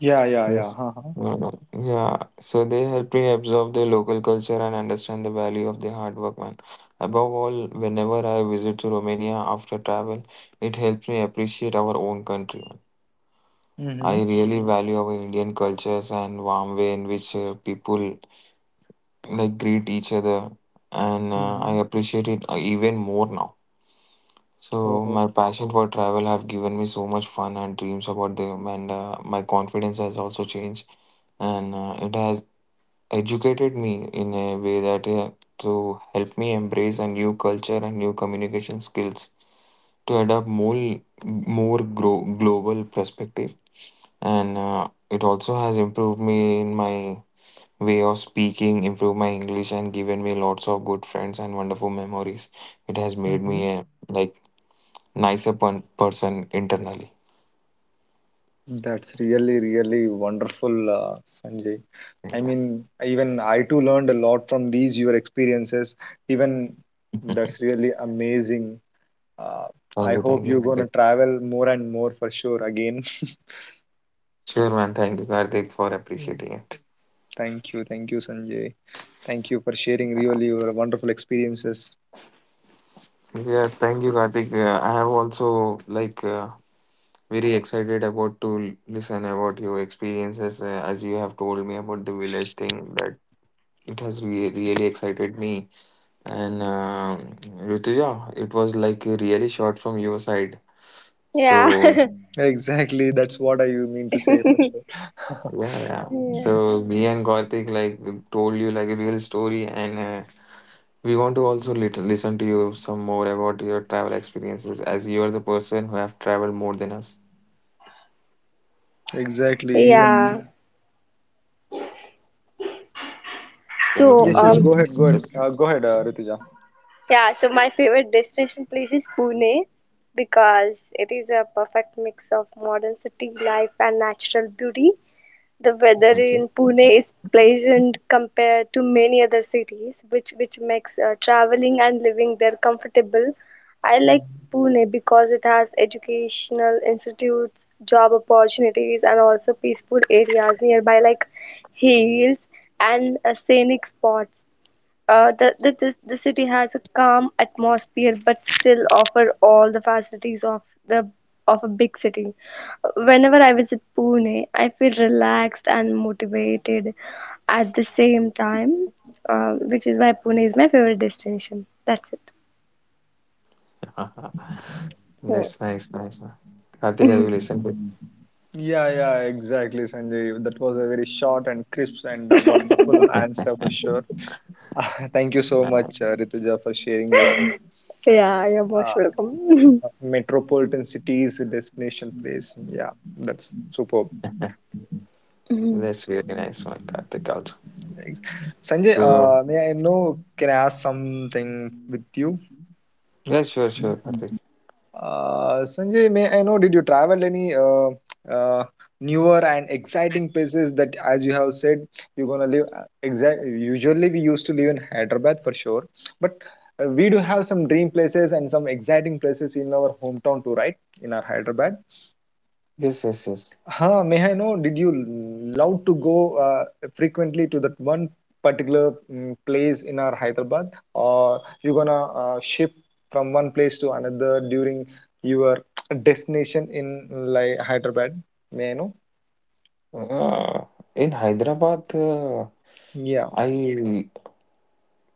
[SPEAKER 1] Yeah, yeah, yeah.
[SPEAKER 2] Yes.
[SPEAKER 1] Uh-huh.
[SPEAKER 2] Yeah. So, they helped me absorb their local culture and understand the value of their hard work, man. Above all, whenever I visit to Romania after travel, it helps me appreciate our own country, man. I
[SPEAKER 1] Mm-hmm.
[SPEAKER 2] really value our Indian cultures and warm way in which people like greet each other, and
[SPEAKER 1] Mm-hmm.
[SPEAKER 2] I appreciate it even more now. So
[SPEAKER 1] Oh,
[SPEAKER 2] my passion for travel have given me so much fun and dreams about them, and my confidence has also changed, and it has educated me in a way that to help me embrace a new culture and new communication skills, to adopt more more grow, global perspective. And it also has improved me in my way of speaking, improved my English, and given me lots of good friends and wonderful memories. It has made
[SPEAKER 1] mm-hmm.
[SPEAKER 2] me a like nicer person internally.
[SPEAKER 1] That's really, really wonderful, Sanjay. I
[SPEAKER 2] Yeah.
[SPEAKER 1] mean, even I too learned a lot from these your experiences. Even that's really amazing. Uh,
[SPEAKER 2] thank
[SPEAKER 1] I
[SPEAKER 2] you
[SPEAKER 1] hope
[SPEAKER 2] thank you
[SPEAKER 1] you're gonna
[SPEAKER 2] kartik.
[SPEAKER 1] travel more and more for sure again.
[SPEAKER 2] Sure man, thank you Karthik, for
[SPEAKER 1] Mm.
[SPEAKER 2] appreciating it.
[SPEAKER 1] Thank you, Sanjay. Thank you for sharing
[SPEAKER 2] Uh,
[SPEAKER 1] really your wonderful experiences.
[SPEAKER 2] yeah, thank you Karthik. I have also like uh, very excited about listen about your experiences, as you have told me about the village thing that it has really excited me. And Rutuja, it was like really short from your side. So
[SPEAKER 3] Yeah.
[SPEAKER 1] Exactly, that's what I you mean to say for sure.
[SPEAKER 2] yeah, yeah.
[SPEAKER 3] Yeah.
[SPEAKER 2] So me and Karthik like told you like a real story, and we want to also lit listen to you some more about your travel experiences, as you are the person who have traveled more than us.
[SPEAKER 1] Exactly, even
[SPEAKER 3] Yeah.
[SPEAKER 2] Can you
[SPEAKER 3] So
[SPEAKER 2] please
[SPEAKER 1] yes,
[SPEAKER 2] go?
[SPEAKER 1] yes.
[SPEAKER 3] um
[SPEAKER 1] Go ahead, go ahead,
[SPEAKER 2] Yes.
[SPEAKER 1] go ahead, Rituja.
[SPEAKER 3] yeah, so my favorite destination place is Pune because it is a perfect mix of modern city life and natural beauty. The weather
[SPEAKER 2] Okay.
[SPEAKER 3] in Pune is pleasant compared to many other cities, which makes traveling and living there comfortable. I like
[SPEAKER 1] Mhm.
[SPEAKER 3] Pune because it has educational institutes, job opportunities, and also peaceful areas nearby, like hills and scenic spots. The city has a calm atmosphere but still offer all the facilities of the of a big city. Whenever I visit Pune, I feel relaxed and motivated at the same time, which is why Pune is my favorite destination. That's it.
[SPEAKER 2] That's nice, nice one. Karthik, have you listened to?
[SPEAKER 1] Yeah, yeah, exactly, Sanjay. That was a very short and crisp and wonderful answer for sure. Thank you so much, Rituja, for sharing your
[SPEAKER 3] Yeah.
[SPEAKER 1] uh, metropolitan cities destination place. Yeah, that's superb.
[SPEAKER 2] That's really nice one, Karthik also.
[SPEAKER 1] Thanks. Sanjay,
[SPEAKER 2] So
[SPEAKER 1] may I know? Can I ask something with you?
[SPEAKER 2] yeah, sure, sure, Karthik.
[SPEAKER 1] Sanjay, may I know, did you travel any uh, newer and exciting places that, as you have said, you're gonna live? Uh, exact. Usually, we used to live in Hyderabad for sure, but we do have some dream places and some exciting places in our hometown too, right? In our Hyderabad.
[SPEAKER 2] Yes, yes, yes.
[SPEAKER 1] Huh, may I know, did you love to go frequently to that one particular place in our Hyderabad, or you gonna ship from one place to another during your destination in like Hyderabad? May I know?
[SPEAKER 2] Uh, in Hyderabad,
[SPEAKER 1] Yeah.
[SPEAKER 2] I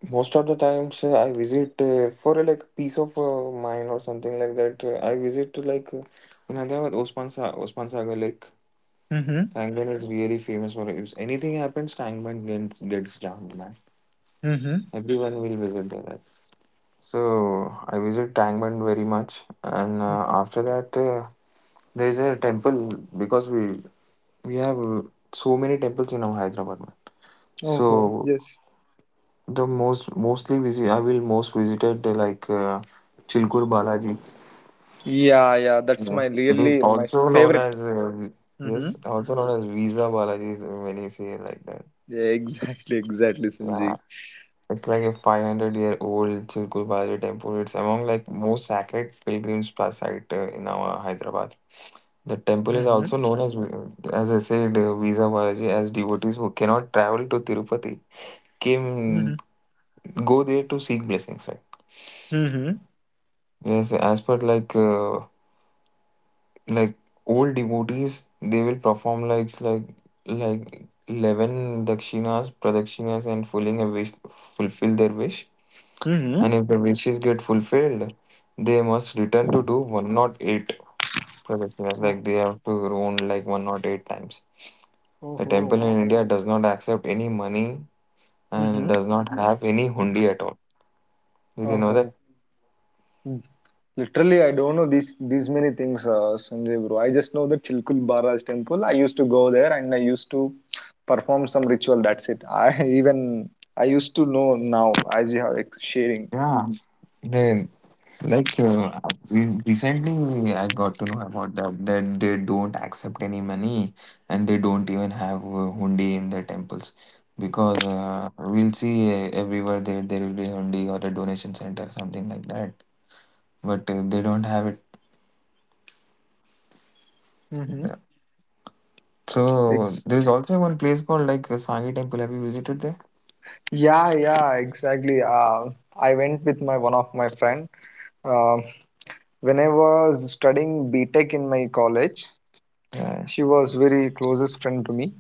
[SPEAKER 2] most of the times I visit for like peace of mind or something like that. I visit to in Hyderabad, Osman Sagar Lake.
[SPEAKER 1] Mm-hmm.
[SPEAKER 2] Tangman is really famous for it. If anything happens, Tangman gets jammed, man.
[SPEAKER 1] Mm-hmm.
[SPEAKER 2] Everyone will visit there, right? So I visit Tangman very much, and after that, there is a temple, because we have so many temples in our Hyderabad, man.
[SPEAKER 1] Oh,
[SPEAKER 2] So
[SPEAKER 1] yes.
[SPEAKER 2] the most mostly visit I will most visited Chilkur Balaji,
[SPEAKER 1] Yeah, yeah. That's
[SPEAKER 2] uh,
[SPEAKER 1] my
[SPEAKER 2] it is
[SPEAKER 1] really my
[SPEAKER 2] also known
[SPEAKER 1] favorite.
[SPEAKER 2] as
[SPEAKER 1] Mm-hmm.
[SPEAKER 2] yes, also known as Visa Balaji is- when you say it like that.
[SPEAKER 1] Yeah, exactly, exactly,
[SPEAKER 2] Yeah,
[SPEAKER 1] Sanjay.
[SPEAKER 2] it's like a 500-year-old Chilkur Balaji temple. It's among like most sacred site in our Hyderabad. The temple is
[SPEAKER 1] Mm-hmm.
[SPEAKER 2] also known as I said Visa Balaji, as devotees who cannot travel to Tirupati
[SPEAKER 1] Mm-hmm.
[SPEAKER 2] came go there to seek blessings, right?
[SPEAKER 1] Mm-hmm.
[SPEAKER 2] Yes, as per like. Like old devotees, they will perform 11 dakshinas pradakshinas and fulfill their wish,
[SPEAKER 1] Mm-hmm.
[SPEAKER 2] and if the wishes get fulfilled, they must return to do one, not eight pradakshinas,
[SPEAKER 1] Oh,
[SPEAKER 2] like they have to round like one, not eight times.
[SPEAKER 1] oh,
[SPEAKER 2] The
[SPEAKER 1] oh.
[SPEAKER 2] temple in India does not accept any money
[SPEAKER 1] Mm-hmm.
[SPEAKER 2] and does not have any hundi at all. Did you know
[SPEAKER 1] Oh,
[SPEAKER 2] that?
[SPEAKER 1] mm. Literally, I don't know these many things, Sanjay bro. I just know the Chilkul Barraj temple. I used to go there and I used to perform some ritual. That's it. I even I used to know now as you have ex- sharing.
[SPEAKER 2] Yeah. Then. Like we recently, I got to know about that they don't accept any money and they don't even have hundi in their temples, because we'll see everywhere there will be hundi or a donation center something like that, but they don't have it.
[SPEAKER 1] Mm-hmm.
[SPEAKER 2] Yeah. So
[SPEAKER 1] Ex-
[SPEAKER 2] there's also one place called Sangi Temple. Have you visited there?
[SPEAKER 1] yeah, yeah, exactly. I went with my one of my friend. Um when I was studying B Tech in my college,
[SPEAKER 2] Yeah.
[SPEAKER 1] she was very closest friend to me.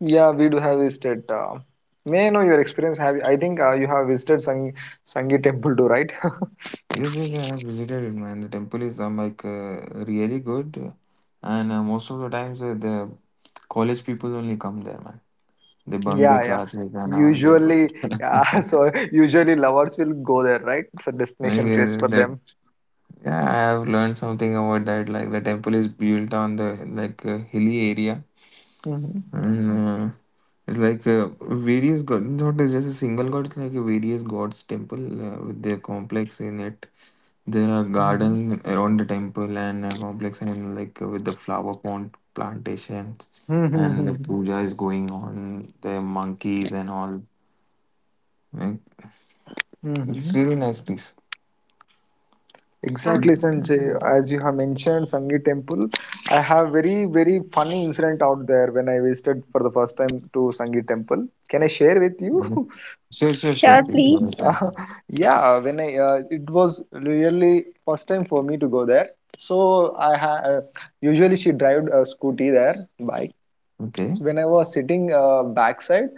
[SPEAKER 1] Yeah, we do have visited. May I know your experience? Have you- I think you have visited Sangi Temple too, right?
[SPEAKER 2] Yes, yes, I have visited it, man. The temple is really good, and most of the times the college people only come there, man. They bunk their
[SPEAKER 1] Yeah, yeah.
[SPEAKER 2] classes and all. They'll go
[SPEAKER 1] Usually, yeah,
[SPEAKER 2] there.
[SPEAKER 1] so usually lovers will go there, right? It's a destination
[SPEAKER 2] Maybe
[SPEAKER 1] place for
[SPEAKER 2] that
[SPEAKER 1] them.
[SPEAKER 2] yeah, I have learned something about that. Like the temple is built on the hilly area.
[SPEAKER 1] Hmm,
[SPEAKER 2] And, it's various god, not just a single god. It's like a various gods temple with their complex in it. There are
[SPEAKER 1] hmm,
[SPEAKER 2] garden around the temple and complex and with the flower pond plantations, and the puja is going on. The monkeys and all. Like,
[SPEAKER 1] hmm,
[SPEAKER 2] it's
[SPEAKER 1] hmm.
[SPEAKER 2] really nice place.
[SPEAKER 3] Yeah.
[SPEAKER 1] Exactly, Sanjay. As you have mentioned, Sangi Temple, I have very, very funny incident out there when I visited for the first time to Sangi Temple. Can I share with you?
[SPEAKER 2] Sure, sure, sure.
[SPEAKER 3] Sure,
[SPEAKER 2] Please go
[SPEAKER 3] please.
[SPEAKER 2] ahead. Um,
[SPEAKER 1] Uh, yeah, when I it was really first time for me to go there. So usually she drive a scooty there, bike.
[SPEAKER 2] okay.
[SPEAKER 1] So when I was sitting backside,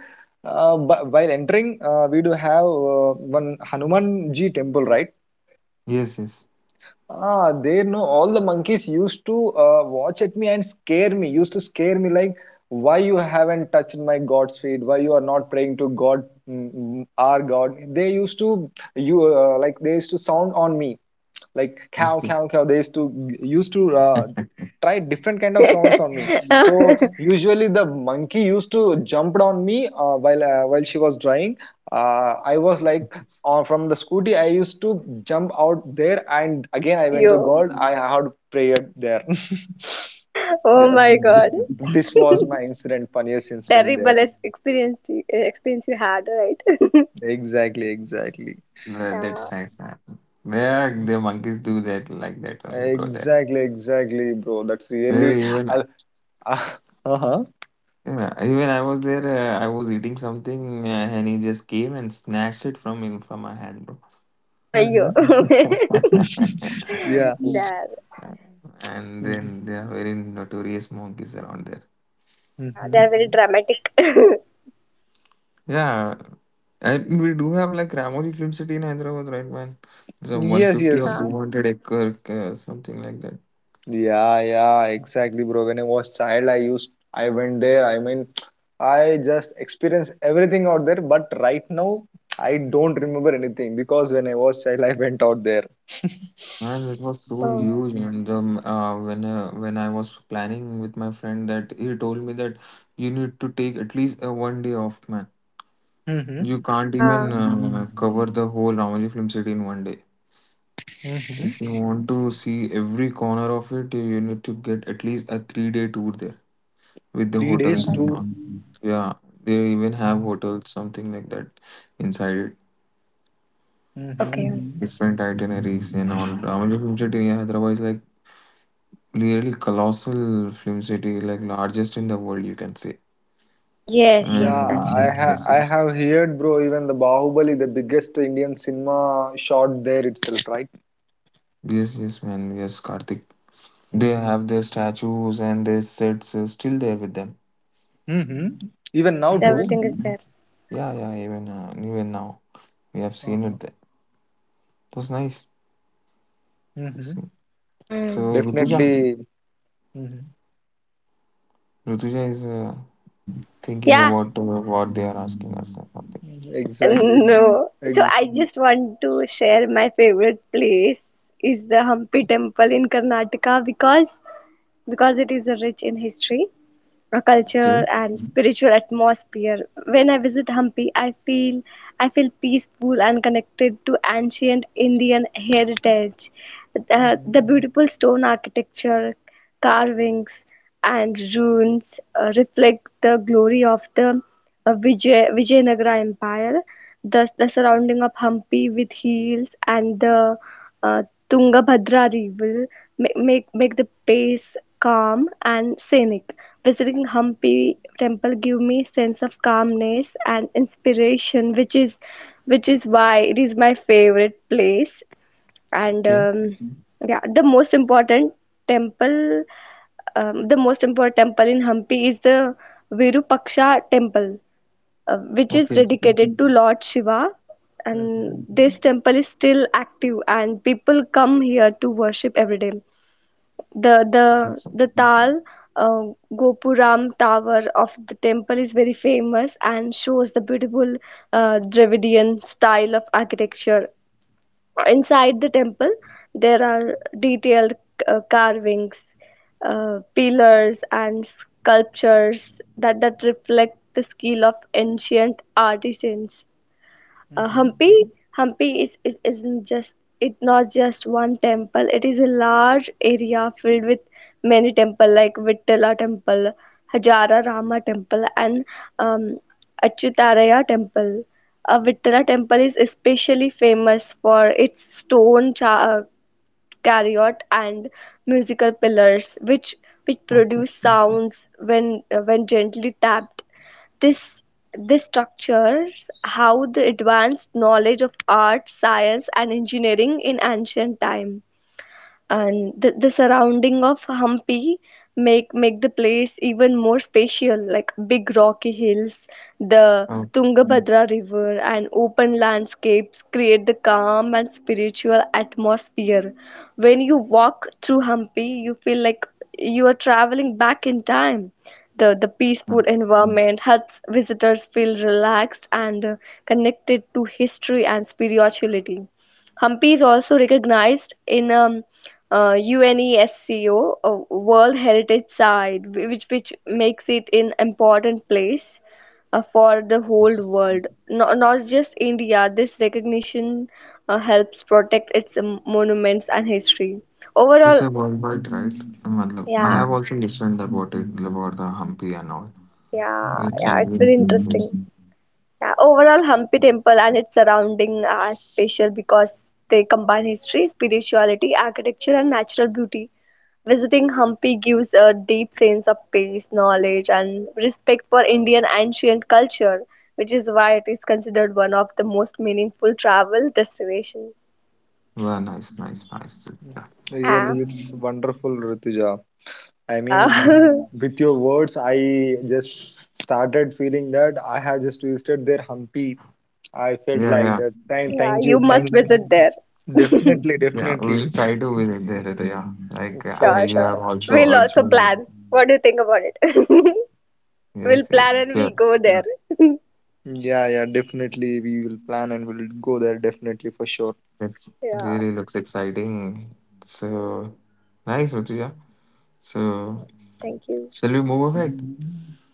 [SPEAKER 1] but while entering, we do have one Hanumanji temple, right?
[SPEAKER 2] Yes, yes.
[SPEAKER 1] Ah, they know all the monkeys used to watch at me and scare me, used to scare me like, why you haven't touched my God's feet? Why you are not praying to God, our God? They used to, you like, they used to sound on me like cow
[SPEAKER 2] Okay.
[SPEAKER 1] cow cow they used to used to uh, try different kind of sounds on me. So usually the monkey used to jump on me while she was drying. I was like, from the scooty, I used to jump out there and again
[SPEAKER 3] For
[SPEAKER 1] I went to
[SPEAKER 3] you.
[SPEAKER 1] god, I had prayed there.
[SPEAKER 3] Oh
[SPEAKER 1] Yeah,
[SPEAKER 3] my
[SPEAKER 1] th-
[SPEAKER 3] God.
[SPEAKER 2] Mm,
[SPEAKER 1] this was my incident, funniest incident there.
[SPEAKER 3] Terrible experience you had, right?
[SPEAKER 1] Exactly, exactly,
[SPEAKER 2] well,
[SPEAKER 3] Yeah.
[SPEAKER 2] that's nice, man. Yeah, the monkeys do that like that only, bro. There.
[SPEAKER 1] exactly, exactly, bro, that's really
[SPEAKER 2] Even
[SPEAKER 1] uh, uh, uh-huh
[SPEAKER 2] yeah, even I was there. I was eating something, and he just came and snatched it from in from my hand, bro.
[SPEAKER 3] For you.
[SPEAKER 1] hmm.
[SPEAKER 3] They.
[SPEAKER 1] Yeah.
[SPEAKER 3] Mm. Are,
[SPEAKER 2] And then they are very notorious monkeys around there.
[SPEAKER 3] yeah, they
[SPEAKER 1] Mm-hmm.
[SPEAKER 3] are very dramatic.
[SPEAKER 2] Yeah, and we do have like Ramoji Film City in Hyderabad, right, man? It's a
[SPEAKER 1] Yes,
[SPEAKER 2] 150 or
[SPEAKER 1] yes.
[SPEAKER 3] Ah,
[SPEAKER 2] 200 acre, something like that.
[SPEAKER 1] Yeah, yeah, exactly, bro. When I was child, I used, I went there. I mean, I just experienced everything out there. But right now, I don't remember anything because when I was child, I went out there.
[SPEAKER 2] Man, it was so
[SPEAKER 3] oh,
[SPEAKER 2] huge, and when I was planning with my friend, that he told me that you need to take at least a 1 day off, man.
[SPEAKER 1] Mm-hmm.
[SPEAKER 2] You can't
[SPEAKER 3] yeah.
[SPEAKER 2] even cover the whole Ramoji Film City in 1 day.
[SPEAKER 1] Mm-hmm.
[SPEAKER 2] If you want to see every corner of it, you need to get at least a 3 day tour there with the
[SPEAKER 1] Three
[SPEAKER 3] Oh my
[SPEAKER 1] days
[SPEAKER 2] hotels
[SPEAKER 3] God.
[SPEAKER 2] and
[SPEAKER 1] tour.
[SPEAKER 2] all. Yeah, they even have hotels, something like that, inside it.
[SPEAKER 1] Mm-hmm.
[SPEAKER 3] Okay.
[SPEAKER 2] Different itineraries and all. Ramoji Film City in Hyderabad is like really colossal film city, like largest in the world, you can say.
[SPEAKER 3] Yes, yes,
[SPEAKER 1] Yeah,
[SPEAKER 2] And
[SPEAKER 3] that's
[SPEAKER 1] I
[SPEAKER 3] right.
[SPEAKER 1] ha
[SPEAKER 2] yes,
[SPEAKER 1] I have heard, bro. Even the Bahubali, the biggest Indian cinema, shot there itself, right?
[SPEAKER 2] yes, man, yes, Karthik. They have their statues and their sets still there with them.
[SPEAKER 1] Mhm. Even
[SPEAKER 3] Yes,
[SPEAKER 1] now too.
[SPEAKER 2] Yes,
[SPEAKER 3] everything is there.
[SPEAKER 2] yeah, yeah. Even even now, we have seen
[SPEAKER 1] Uh-huh.
[SPEAKER 2] it there. It was nice.
[SPEAKER 1] Mhm.
[SPEAKER 2] So,
[SPEAKER 3] Hmm.
[SPEAKER 2] so Rutuja,
[SPEAKER 1] Definitely. Mhm.
[SPEAKER 2] Rutuja is thinking
[SPEAKER 3] Yeah.
[SPEAKER 2] about what they are asking us or something.
[SPEAKER 1] Mhm. Exactly. Ex-
[SPEAKER 3] No. So
[SPEAKER 1] ex-
[SPEAKER 3] I just want to share my favorite place is the Hampi Temple in Karnataka because it is rich in history, a culture,
[SPEAKER 2] Okay,
[SPEAKER 3] and spiritual atmosphere. When I visit Hampi, I feel peaceful and connected to ancient Indian heritage. The,
[SPEAKER 1] Mhm.
[SPEAKER 3] the beautiful stone architecture, carvings, and ruins reflect the glory of the Vijayanagara Empire. The surrounding of Hampi with hills and the uh, Tungabhadra River make the pace calm and scenic. Visiting Hampi temple give me sense of calmness and inspiration, which is why it is my favorite place. And
[SPEAKER 2] okay,
[SPEAKER 3] yeah, temple, the most important temple in Hampi is the Virupaksha temple, which is
[SPEAKER 2] okay. Okay.
[SPEAKER 3] dedicated to Lord Shiva.
[SPEAKER 1] Mhm.
[SPEAKER 3] And this temple is still active, and people come here to worship every day. The the
[SPEAKER 2] It's-
[SPEAKER 3] the Tal uh, Gopuram Tower of the temple is very famous and shows the beautiful Dravidian style of architecture. Inside the temple, there are detailed carvings, pillars, and sculptures that reflect the skill of ancient artisans. Uh,
[SPEAKER 1] Mhm.
[SPEAKER 3] Hampi, Hampi is isn't just it's not just one temple. It is a large area filled with many temple like Vittala temple, Hajara Rama temple, and um, Achyutaraya temple. Vittala temple is especially famous for its stone caryot and musical pillars which produce
[SPEAKER 2] okay.
[SPEAKER 3] sounds when when gently tapped. this this structures how the advanced knowledge of art science and engineering in ancient time, and the surrounding of Hampi make the place even more spatial, like big rocky hills, the
[SPEAKER 2] Oh,
[SPEAKER 3] Tungabhadra river, and open landscapes create the calm and spiritual atmosphere. When you walk through Hampi, you feel like you are traveling back in time. The
[SPEAKER 2] mm.
[SPEAKER 3] peaceful environment helps visitors feel relaxed and connected to history and spirituality. Hampi is also recognized in UNESCO World Heritage Site, which makes it an important place for the whole
[SPEAKER 2] Yes.
[SPEAKER 3] world, not just India. This recognition helps protect its monuments and history.
[SPEAKER 2] It's
[SPEAKER 3] Overall,
[SPEAKER 2] a worldwide, right? मतलब, I
[SPEAKER 3] yeah,
[SPEAKER 2] have also listened about it, about the Hampi and all.
[SPEAKER 3] yeah,
[SPEAKER 2] It's
[SPEAKER 1] Mhm.
[SPEAKER 2] a
[SPEAKER 3] yeah, it's
[SPEAKER 2] really
[SPEAKER 3] very
[SPEAKER 2] good place.
[SPEAKER 3] interesting. Yeah, overall, Hampi Temple and its surrounding are special because they combine history, spirituality, architecture, and natural beauty. Visiting Hampi gives a deep sense of peace, knowledge, and respect for Indian ancient culture, which is why it is considered one of the most meaningful travel destinations.
[SPEAKER 2] Well, nice, nice, nice.
[SPEAKER 1] Mhm.
[SPEAKER 2] Yeah,
[SPEAKER 3] Yeah,
[SPEAKER 1] Really, it's wonderful, Rituja. I mean,
[SPEAKER 3] yeah,
[SPEAKER 1] with your words, I just started feeling that I have just visited their Hampi. I felt
[SPEAKER 2] yeah,
[SPEAKER 1] like
[SPEAKER 2] yeah.
[SPEAKER 1] that. Thank,
[SPEAKER 3] yeah.
[SPEAKER 1] thank
[SPEAKER 3] You
[SPEAKER 1] you,
[SPEAKER 3] must
[SPEAKER 1] thank you.
[SPEAKER 3] visit there.
[SPEAKER 1] Definitely,
[SPEAKER 2] Yeah,
[SPEAKER 1] definitely.
[SPEAKER 2] we'll try to visit there, Hriday. Yeah, I,
[SPEAKER 1] For,
[SPEAKER 3] Sure,
[SPEAKER 2] you
[SPEAKER 3] sure.
[SPEAKER 2] have also
[SPEAKER 3] We'll
[SPEAKER 2] urged
[SPEAKER 3] also
[SPEAKER 2] me.
[SPEAKER 3] plan. What do you think about it? We'll
[SPEAKER 2] Yes,
[SPEAKER 3] plan
[SPEAKER 2] yes,
[SPEAKER 3] and
[SPEAKER 2] sure.
[SPEAKER 3] we'll go there.
[SPEAKER 1] yeah, yeah, definitely. We will plan and we'll go there definitely for sure.
[SPEAKER 2] It
[SPEAKER 3] Yeah.
[SPEAKER 2] really looks exciting. So
[SPEAKER 3] Mm,
[SPEAKER 2] nice, Muthuja. So
[SPEAKER 3] thank you.
[SPEAKER 2] shall we move ahead?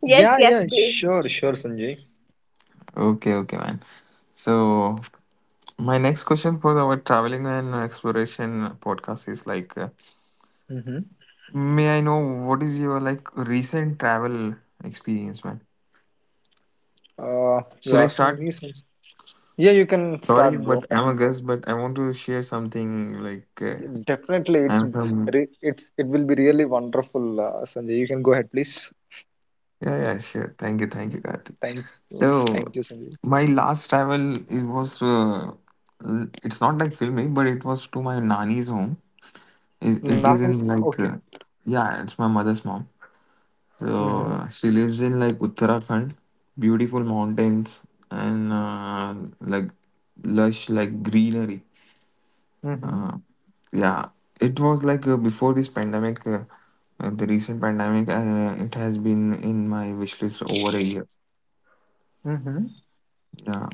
[SPEAKER 3] Yes,
[SPEAKER 1] Yeah,
[SPEAKER 3] yes,
[SPEAKER 1] yeah,
[SPEAKER 3] please.
[SPEAKER 1] sure, sure, Sanjay.
[SPEAKER 2] Okay, okay, man. So my next question for our traveling and exploration podcast is like,
[SPEAKER 1] Mm-hmm.
[SPEAKER 2] may I know what is your like recent travel experience, man?
[SPEAKER 1] You're
[SPEAKER 2] Shall I
[SPEAKER 1] asking
[SPEAKER 2] start?
[SPEAKER 1] me, Sanjay. Yeah, you can
[SPEAKER 2] Sorry,
[SPEAKER 1] start, bro.
[SPEAKER 2] but I'm a guest, but I want to share something
[SPEAKER 1] Definitely, it's
[SPEAKER 2] I'm from.
[SPEAKER 1] it's it will be really wonderful, Sanjay. You can go ahead, please.
[SPEAKER 2] Yeah, yeah, sure. Thank you, Karthik.
[SPEAKER 1] Thank you.
[SPEAKER 2] So
[SPEAKER 1] Thank you, Sanjay.
[SPEAKER 2] my last travel, it was it's not like filming, but it was to my nani's home. It is
[SPEAKER 1] Nani's
[SPEAKER 2] in
[SPEAKER 1] okay.
[SPEAKER 2] yeah, it's my mother's mom. So
[SPEAKER 1] Mm-hmm.
[SPEAKER 2] she lives in like Uttarakhand, beautiful mountains and like lush like greenery.
[SPEAKER 1] Mm-hmm.
[SPEAKER 2] Uh, yeah, it was before this pandemic, the recent pandemic, and it has been in my wish list over a year.
[SPEAKER 1] Mm-hmm.
[SPEAKER 2] Yeah,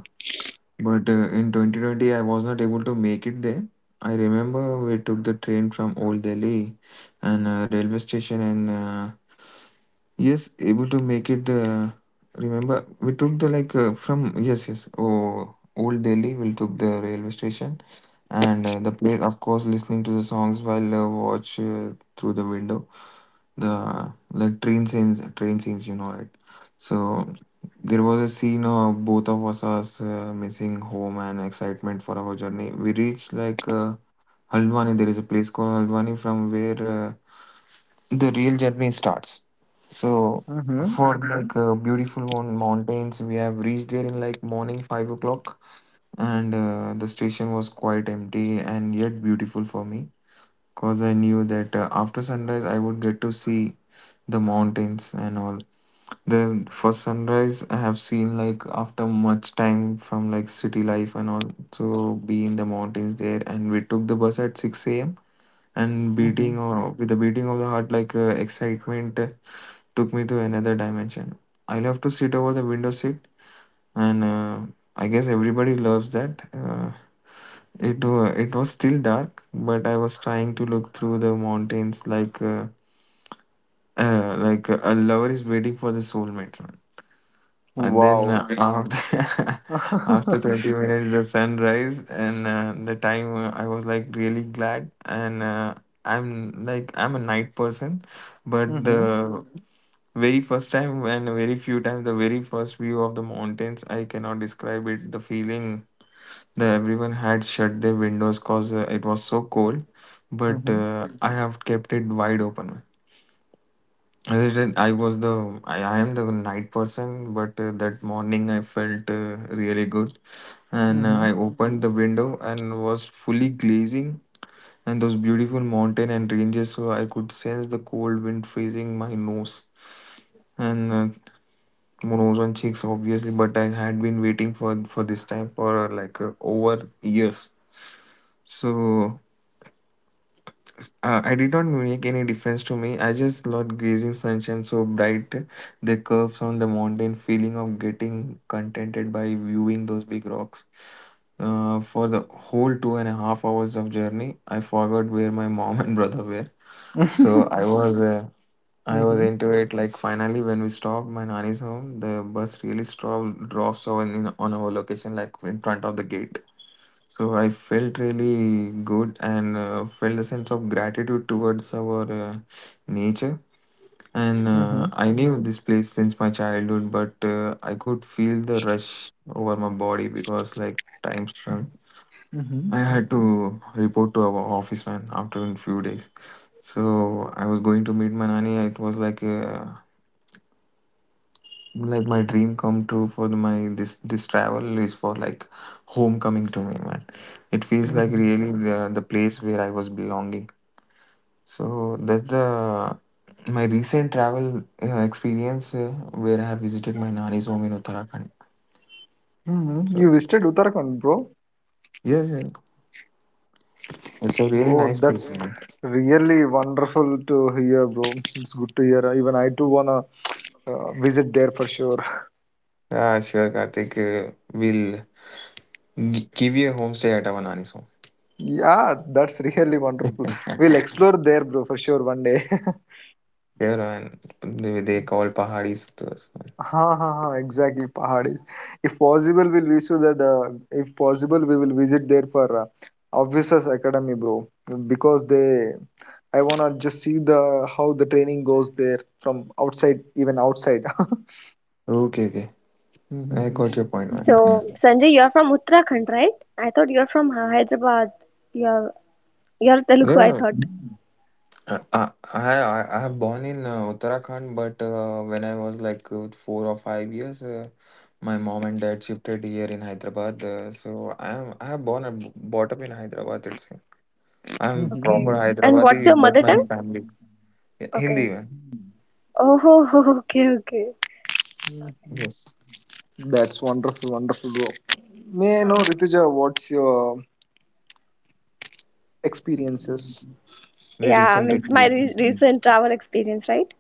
[SPEAKER 2] but in 2020, I was not able to make it there. I remember we took the train from Old Delhi and railway station, and yes, able to make it. Remember, we took the like from yes, yes, oh, Old Delhi. We took the railway station and the place, of course, listening to the songs while watch through the window the like train scenes, you know, right? So there was a scene of both of us as missing home and excitement for our journey. We reached Haldwani. There is a place called Haldwani from where the real journey starts. So
[SPEAKER 1] Mm-hmm.
[SPEAKER 2] for beautiful mountains, we have reached there in like morning 5 o'clock, and the station was quite empty and yet beautiful for me. Cause I knew that after sunrise I would get to see the mountains and all. The first sunrise I have seen like after much time from like city life and all. So be in the mountains there, and we took the bus at six a.m., and beating,
[SPEAKER 1] Mm-hmm.
[SPEAKER 2] or with the beating of the heart, like excitement took me to another dimension. I love to sit over the window seat, and I guess everybody loves that. It was still dark, but I was trying to look through the mountains like. A lover is waiting for the soulmate one. And then
[SPEAKER 1] Wow.
[SPEAKER 2] okay, after after 20
[SPEAKER 1] mm-hmm.
[SPEAKER 2] minutes the sun rise, and the time I was like really glad, and I'm like I'm a night person, but the very first time and very few times, the very first view of the mountains, I cannot describe it, the feeling that everyone had shut their windows cause it was so cold, but
[SPEAKER 1] Mm-hmm.
[SPEAKER 2] I have kept it wide open. I did I was the. I am the night person, but that morning I felt really good, and
[SPEAKER 1] Mm-hmm.
[SPEAKER 2] I opened the window and was fully glazing, and those beautiful mountain and ranges. So I could sense the cold wind freezing my nose and nose and cheeks, obviously. But I had been waiting for this time for over years. So I did not make any difference to me. I just loved gazing sunshine so bright, the curves on the mountain, feeling of getting contented by viewing those big rocks. For the whole 2.5 hours of journey, I forgot where my mom and brother were. So I
[SPEAKER 1] mm-hmm.
[SPEAKER 2] was
[SPEAKER 1] Mm-hmm.
[SPEAKER 2] into it. Like finally, when we stopped my nanny's home, the bus really stopped drops on in, on our location, like in front of the gate. So I felt really good and felt a sense of gratitude towards our nature. And I knew this place since my childhood, but I could feel the rush over my body because, like, time strung.
[SPEAKER 1] Mm-hmm.
[SPEAKER 2] I had to report to our office man after a few days. So I was going to meet my nanny. It was like my dream come true for my this travel is for like homecoming to me, man. It feels like
[SPEAKER 1] Mm-hmm.
[SPEAKER 2] really the place where I was belonging. So that's the my recent travel experience where I have visited my nani's home in Uttarakhand.
[SPEAKER 1] Mm-hmm. You
[SPEAKER 2] So
[SPEAKER 1] visited Uttarakhand, bro.
[SPEAKER 2] yes, yeah, it's a really
[SPEAKER 1] Oh,
[SPEAKER 2] nice place,
[SPEAKER 1] that's
[SPEAKER 2] man.
[SPEAKER 1] really wonderful to hear, bro. It's good to hear. Even I too wanna visit there for sure.
[SPEAKER 2] Yeah, sure, Kartik, we'll give you a homestay at our nani's home.
[SPEAKER 1] Yeah, that's really wonderful. We'll explore there, bro, for sure one day.
[SPEAKER 2] Yeah, man. They call pahadis to us, man.
[SPEAKER 1] Ha ha ha! Exactly, Pahadis. If possible, we'll visit that. If possible, we will visit there for officers academy, bro. Because they, I wanna just see the how the training goes there from outside, even outside.
[SPEAKER 2] Okay, okay, I
[SPEAKER 1] Mhm,
[SPEAKER 2] got your point, man.
[SPEAKER 3] So, Sanjay, you are from Uttarakhand, right? I thought you are from Ha- Hyderabad. You're Telugu, I
[SPEAKER 2] Yeah.
[SPEAKER 3] thought.
[SPEAKER 2] I I have born in Uttarakhand, but when I was 4 or 5 years, my mom and dad shifted here in Hyderabad. So I have born and brought up in Hyderabad. It's I'm
[SPEAKER 1] mhm,
[SPEAKER 3] Okay.
[SPEAKER 2] proper
[SPEAKER 3] And what's your
[SPEAKER 2] Hyderabadi, but
[SPEAKER 3] mother
[SPEAKER 2] my
[SPEAKER 3] tongue?
[SPEAKER 2] family. Yeah, Hindi,
[SPEAKER 3] Okay.
[SPEAKER 2] man.
[SPEAKER 3] Oh, okay, okay.
[SPEAKER 1] mhm.
[SPEAKER 2] Yes,
[SPEAKER 1] That's wonderful, wonderful, bro. May I know,
[SPEAKER 3] Uh,
[SPEAKER 1] Rituja, what's your experiences?
[SPEAKER 2] the
[SPEAKER 3] yeah,
[SPEAKER 2] recent
[SPEAKER 3] means my re
[SPEAKER 2] experience.
[SPEAKER 3] recent travel experience, right?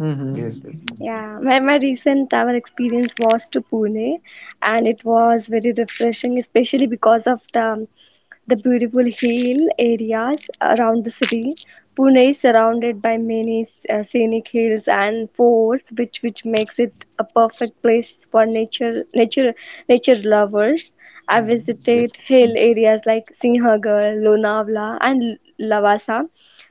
[SPEAKER 1] Mm-hmm.
[SPEAKER 2] Yes, yes, ma'am.
[SPEAKER 3] Yeah, my recent travel experience was to Pune, and it was very refreshing, especially because of the beautiful hill areas around the city. Pune is surrounded by many scenic hills and forts, which makes it a perfect place for nature lovers. I
[SPEAKER 1] Mm-hmm.
[SPEAKER 2] Yes.
[SPEAKER 3] visited hill areas like Sinhagad, Lonavala, and Lavasa,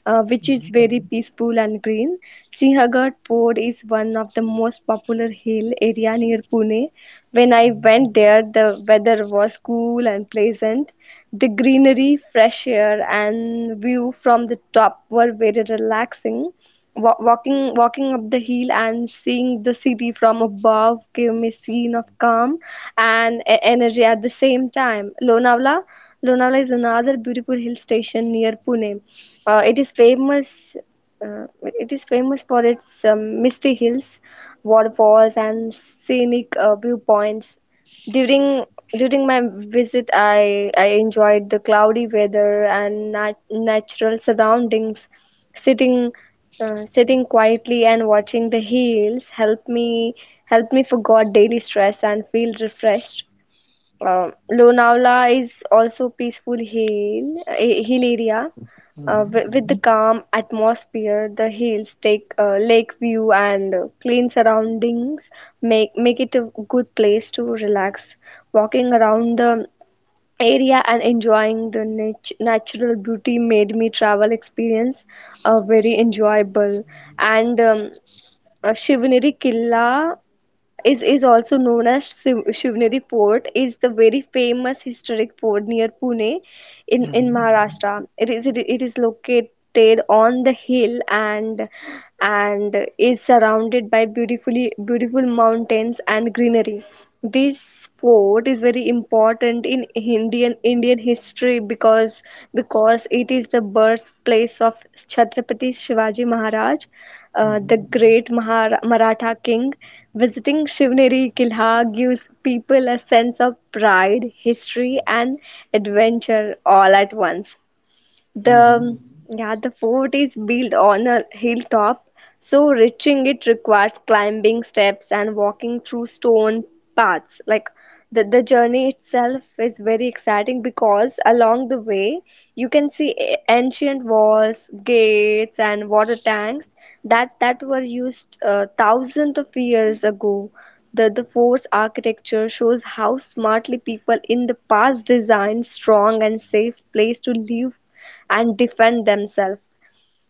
[SPEAKER 3] which is very peaceful and green. Sinhagad Fort is one of the most popular hill area near Pune. When I went there, the weather was cool and pleasant. The greenery, fresh air, and view from the top were very relaxing. Walking up the hill and seeing the city from above gave me a scene of calm and energy at the same time. Lonavala is another beautiful hill station near Pune. It is famous. It is famous for its misty hills, waterfalls, and scenic viewpoints. During During my visit, I enjoyed the cloudy weather and natural surroundings. Sitting sitting quietly and watching the hills help me forget daily stress and feel refreshed. Lonavala is also peaceful hill a hill area
[SPEAKER 1] Mm-hmm. Mm-hmm.
[SPEAKER 3] with the calm atmosphere. The hills take lake view and clean surroundings make it a good place to relax. Walking around the area and enjoying the natural beauty made me travel experience very enjoyable. And Shivaneri Killa is also known as Shivneri Port, is the very famous historic port near Pune in Maharashtra. It is located on the hill and is surrounded by beautiful mountains and greenery. This port is very important in Indian history because it is the birthplace of Chhatrapati Shivaji Maharaj,
[SPEAKER 1] Mm-hmm.
[SPEAKER 3] the great Maratha king. Visiting Shivneri Kilha gives people a sense of pride, history, and adventure all at once.
[SPEAKER 1] Mm-hmm.
[SPEAKER 3] The yeah, the fort is built on a hilltop, so reaching it requires climbing steps and walking through stone paths. Like the journey itself is very exciting because along the way you can see ancient walls, gates, and water tanks that were used thousands of years ago. The fort's architecture shows how smartly people in the past designed strong and safe place to live and defend themselves.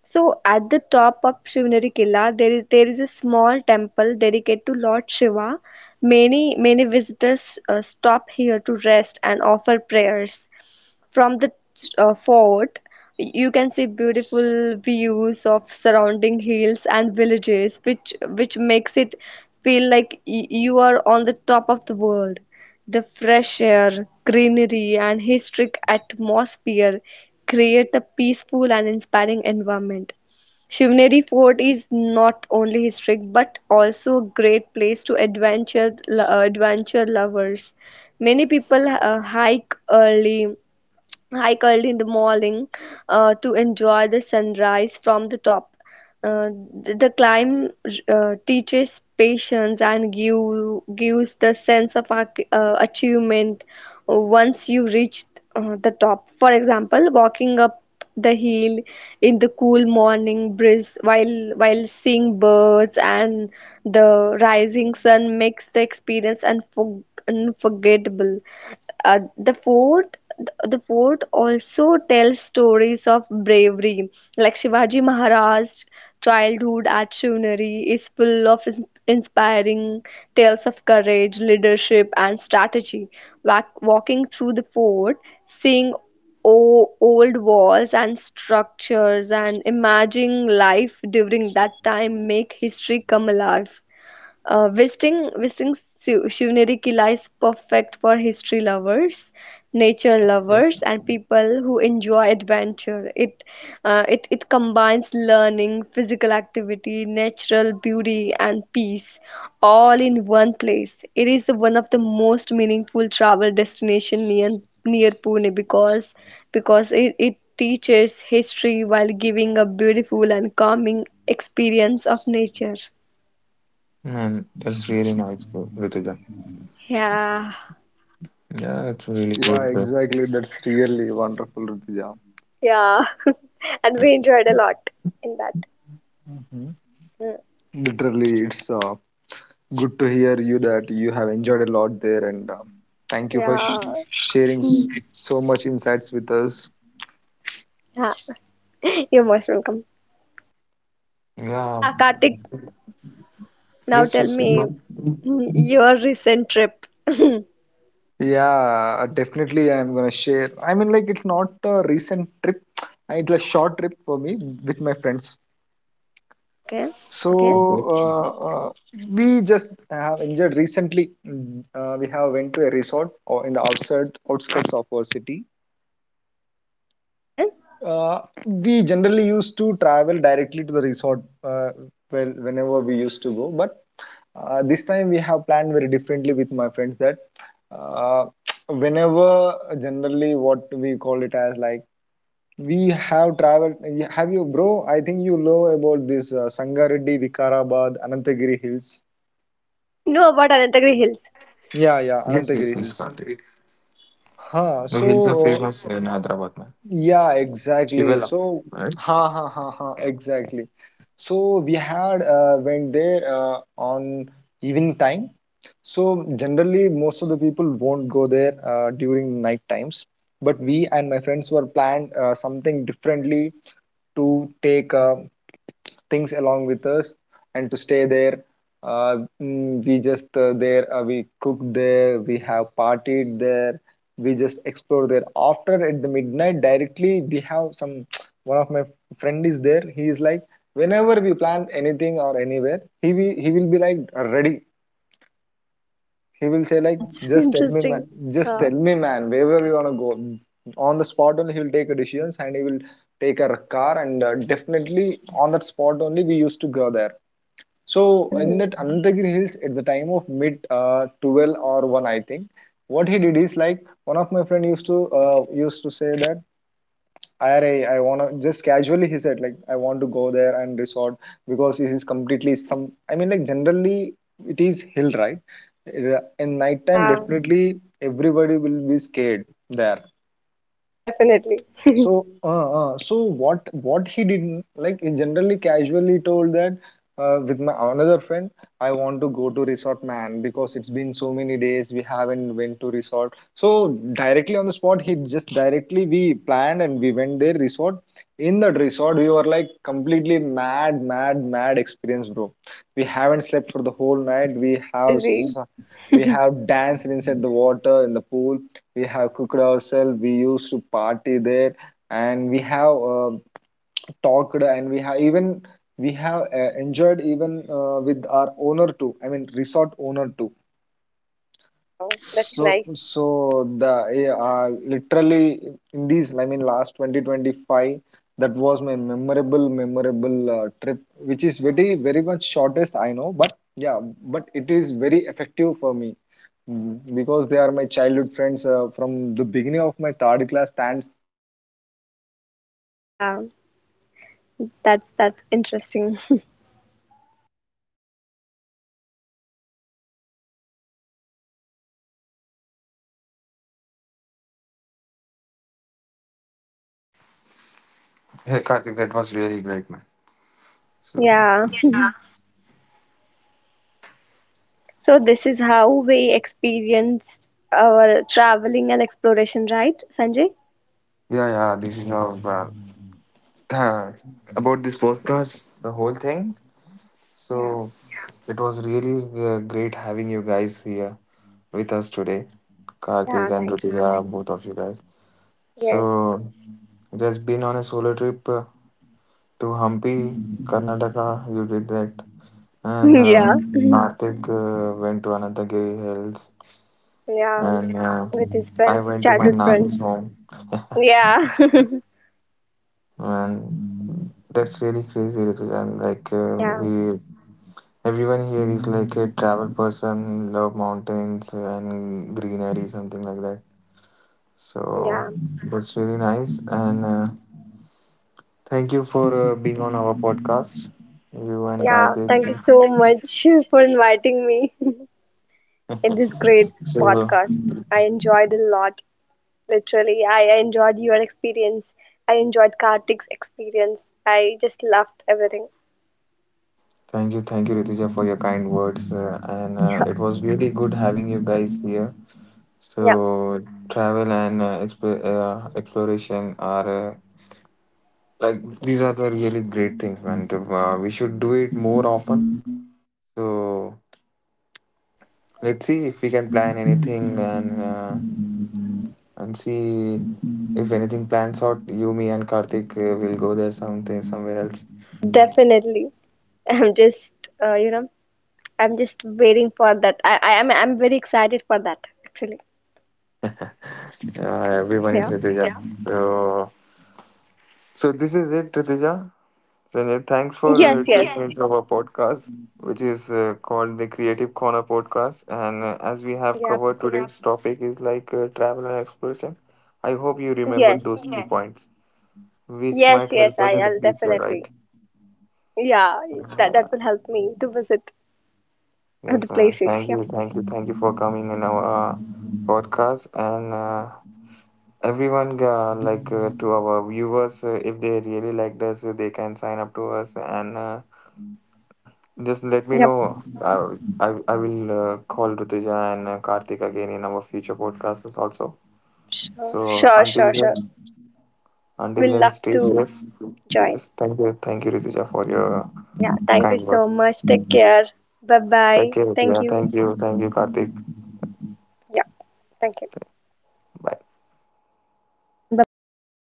[SPEAKER 3] So at the top of Shivaneri Killa, there is a small temple dedicated to Lord Shiva. Many visitors stop here to rest and offer prayers. From the fort, you can see beautiful views of surrounding hills and villages, which makes it feel like you are on the top of the world. The fresh air, greenery, and historic atmosphere create a peaceful and inspiring environment. Shivneri Fort is not only historic but also a great place to adventure lovers. Many people hiked in the morning to enjoy the sunrise from the top. Uh, the climb teaches patience and give, gives the sense of achievement once you reach the top. For example, walking up the hill in the cool morning breeze while seeing birds and the rising sun makes the experience unforgettable. Uh, the fourth the fort also tells stories of bravery. Like Shivaji Maharaj's childhood at Shivneri is full of inspiring tales of courage, leadership, and strategy. Walking through the fort, seeing old walls and structures and imagining life during that time make history come alive. Shivneri Kila is perfect for history lovers, nature
[SPEAKER 2] Yes.
[SPEAKER 3] lovers, and people who enjoy adventure. It combines learning, physical activity, natural beauty, and peace, all in one place. It is one of the most meaningful travel destination near Pune because it teaches history while giving a beautiful and calming experience of nature.
[SPEAKER 2] And that's really nice, bro, Rituja.
[SPEAKER 3] Yeah.
[SPEAKER 2] Yeah, it's really
[SPEAKER 1] Yeah,
[SPEAKER 2] good.
[SPEAKER 1] exactly. That's really wonderful, Ritija.
[SPEAKER 3] Yeah, and we enjoyed a lot in that.
[SPEAKER 1] Hmm.
[SPEAKER 3] Mm.
[SPEAKER 1] Literally, it's good to hear you that you have enjoyed a lot there, and thank you for
[SPEAKER 3] Yeah.
[SPEAKER 1] sharing
[SPEAKER 3] Hmm,
[SPEAKER 1] so much insights with us.
[SPEAKER 3] yeah, you're most welcome.
[SPEAKER 2] Yeah,
[SPEAKER 3] Yeah, Kartik, now
[SPEAKER 2] yes,
[SPEAKER 3] tell
[SPEAKER 2] yes.
[SPEAKER 3] me,
[SPEAKER 2] Yes.
[SPEAKER 3] your recent trip. Okay,
[SPEAKER 1] Yeah, definitely, I'm gonna share. I mean, like, it's not a recent trip. It was a short trip for me with my friends. So,
[SPEAKER 3] okay,
[SPEAKER 2] Okay.
[SPEAKER 1] uh, uh, we just have enjoyed recently. We have went to a resort or in the outside outskirts of our city.
[SPEAKER 3] okay.
[SPEAKER 1] Uh, we generally used to travel directly to the resort, well, whenever we used to go. But this time we have planned very differently with my friends that uh, whenever generally what we call it as like we have traveled. Have you, bro? I think you know about this Sangareddy, Vikarabad, Anantagiri Hills.
[SPEAKER 3] I know about Anantagiri Hills.
[SPEAKER 1] Yeah, yeah,
[SPEAKER 2] Yes, yes,
[SPEAKER 1] Anantagiri
[SPEAKER 2] yes,
[SPEAKER 1] Hills.
[SPEAKER 2] Karthik.
[SPEAKER 3] Yeah.
[SPEAKER 1] Huh.
[SPEAKER 2] The hills are
[SPEAKER 1] So
[SPEAKER 2] famous in Hyderabad, man.
[SPEAKER 1] yeah, exactly.
[SPEAKER 2] Shivela,
[SPEAKER 1] So,
[SPEAKER 2] right?
[SPEAKER 1] ha ha ha ha, exactly. So we had went there on evening time. So generally, most of the people won't go there during night times. But we and my friends were planned something differently to take. Things along with us and to stay there, uh, we just there we cooked there, we have partied there, we just explore there after at the midnight. Directly we have some one of my friend is there, he is like, whenever we plan anything or anywhere, he will be like ready. He will say
[SPEAKER 3] Oh,
[SPEAKER 1] like,
[SPEAKER 3] that's
[SPEAKER 1] just tell me man,
[SPEAKER 3] interesting.
[SPEAKER 1] just
[SPEAKER 3] Uh,
[SPEAKER 1] tell me man, wherever we want to go, on the spot only he will take a decisions and he will take a car, and definitely on that spot only we used to go there. So in that
[SPEAKER 3] mm,
[SPEAKER 1] Anandagiri Hills, at the time of mid 12 or 1, I think, what he did is like, one of my friend used to used to say that I wanna, just casually he said like, I want to go there and resort, because this is completely some. I mean like generally it is hill, right. In night time,
[SPEAKER 3] yeah,
[SPEAKER 1] definitely everybody will be scared there.
[SPEAKER 3] definitely.
[SPEAKER 1] So, so what he did, like he generally casually told that, with my another friend, I want to go to resort, man, because it's been so many days we haven't went to resort. So directly on the spot, he just directly we planned and we went there resort. In that resort, we were like completely mad, mad, mad experience, bro. We haven't slept for the whole night.
[SPEAKER 3] Oh,
[SPEAKER 1] We
[SPEAKER 3] that's
[SPEAKER 1] have
[SPEAKER 3] crazy.
[SPEAKER 1] we have danced inside the water in the pool. We have cooked ourselves. We used to party there and we have talked and we have even we have enjoyed even with our owner too, I mean resort owner too. So
[SPEAKER 3] Nice.
[SPEAKER 1] so the literally in these I mean last 2025, that was my memorable memorable trip which is very very much shortest I know, but yeah, but it is very effective for me. Mm, because they are my childhood friends from the beginning of my third class stands third standard, I used to roam with them.
[SPEAKER 3] Yeah,
[SPEAKER 1] So
[SPEAKER 3] that's
[SPEAKER 1] this
[SPEAKER 3] that's
[SPEAKER 1] is the
[SPEAKER 3] interesting.
[SPEAKER 1] experience that I had in the recent past. So definitely, whenever you have time, Sanjay and Rutuja, please go along with your uh, closest friends to somewhere like a resort. It is it will be like a mad
[SPEAKER 2] Hey, Karthik,
[SPEAKER 1] experience
[SPEAKER 2] that
[SPEAKER 1] for
[SPEAKER 2] was
[SPEAKER 1] sure.
[SPEAKER 2] really great, man. So,
[SPEAKER 3] Yeah. So this
[SPEAKER 1] Hello.
[SPEAKER 3] is how we experienced our traveling and exploration, right, Sanjay?
[SPEAKER 2] yeah, yeah, this is how, uh, about this podcast, the whole thing.
[SPEAKER 3] Yeah,
[SPEAKER 2] So, it was really great having you guys here with us today,
[SPEAKER 3] yeah,
[SPEAKER 2] Karthik and
[SPEAKER 3] thank
[SPEAKER 2] Rutika, both of you guys.
[SPEAKER 3] yes,
[SPEAKER 2] So, just been on a solo trip to Hampi, Karnataka. You did that, and
[SPEAKER 3] yeah.
[SPEAKER 2] Karthik went to Anantagiri Hills,
[SPEAKER 3] Yeah,
[SPEAKER 2] and
[SPEAKER 3] with his
[SPEAKER 2] I
[SPEAKER 3] friends,
[SPEAKER 2] went to my
[SPEAKER 3] childhood friends.
[SPEAKER 2] nanny's home,
[SPEAKER 3] Yeah.
[SPEAKER 2] and that's really crazy, Rituja. And
[SPEAKER 3] Yeah,
[SPEAKER 2] everyone here is like a travel person, love mountains and greenery, something like that. So
[SPEAKER 3] yeah,
[SPEAKER 2] that's really nice, and thank you for being on our podcast, you and
[SPEAKER 3] yeah.
[SPEAKER 2] Karthik.
[SPEAKER 3] Thank you so much for inviting me in this great
[SPEAKER 2] So
[SPEAKER 3] podcast. I enjoyed a lot. Literally, I enjoyed your experience. I enjoyed Karthik's experience. I just loved everything.
[SPEAKER 2] thank you, Rituja, for your kind words, and
[SPEAKER 3] Yeah,
[SPEAKER 2] it was really good having you guys here.
[SPEAKER 3] yeah,
[SPEAKER 2] So travel and exploration are like these are the really great things, man. To, we should do it more often.
[SPEAKER 3] yep,
[SPEAKER 2] So
[SPEAKER 3] that's correct.
[SPEAKER 2] let's see if we can plan anything and see if anything plans out. You, me, and Karthik will go there something somewhere else.
[SPEAKER 3] Definitely. I'm just, you know, I'm just waiting for that. I'm very excited for that, actually.
[SPEAKER 2] Yeah, everyone is
[SPEAKER 3] Yeah.
[SPEAKER 2] Rituja. Yeah. So so this is it, Rituja. Sanjay, thanks for
[SPEAKER 3] Yes,
[SPEAKER 2] tuning
[SPEAKER 3] yes.
[SPEAKER 2] yes into our podcast, which is called the Creative Corner Podcast. And as we have
[SPEAKER 3] Yeah.
[SPEAKER 2] covered, yep, today's topic is like travel and exploration. I hope you remembered
[SPEAKER 3] Yes.
[SPEAKER 2] those key yes points, which
[SPEAKER 3] Yes,
[SPEAKER 2] might
[SPEAKER 3] yes.
[SPEAKER 2] help us in the
[SPEAKER 3] I'll
[SPEAKER 2] future,
[SPEAKER 3] definitely.
[SPEAKER 2] right?
[SPEAKER 3] Yeah. That
[SPEAKER 2] Uh,
[SPEAKER 3] will help me to visit other
[SPEAKER 2] yes, man.
[SPEAKER 3] places.
[SPEAKER 2] Thank
[SPEAKER 3] Yeah.
[SPEAKER 2] you, thank you, thank you for coming in our podcast. And everyone, to our viewers, if they really liked us, they can sign up to us and. Just let me
[SPEAKER 3] Yep.
[SPEAKER 2] know. I will call Rutuja and Karthik again in our future podcasts also.
[SPEAKER 3] Sure,
[SPEAKER 2] So
[SPEAKER 3] sure, sure, sure.
[SPEAKER 2] until
[SPEAKER 3] We'll
[SPEAKER 2] then,
[SPEAKER 3] love
[SPEAKER 2] stay
[SPEAKER 3] to
[SPEAKER 2] safe.
[SPEAKER 3] join.
[SPEAKER 2] Yes, thank you, Rituja, for your
[SPEAKER 3] Yeah. Thank you
[SPEAKER 2] kind
[SPEAKER 3] so
[SPEAKER 2] words.
[SPEAKER 3] much. Take care. Bye
[SPEAKER 2] Take
[SPEAKER 3] bye.
[SPEAKER 2] care,
[SPEAKER 3] Thank
[SPEAKER 2] Rituja.
[SPEAKER 3] you.
[SPEAKER 2] Thank you, Karthik.
[SPEAKER 3] Yeah. Thank you.
[SPEAKER 2] Bye.
[SPEAKER 3] Bye bye.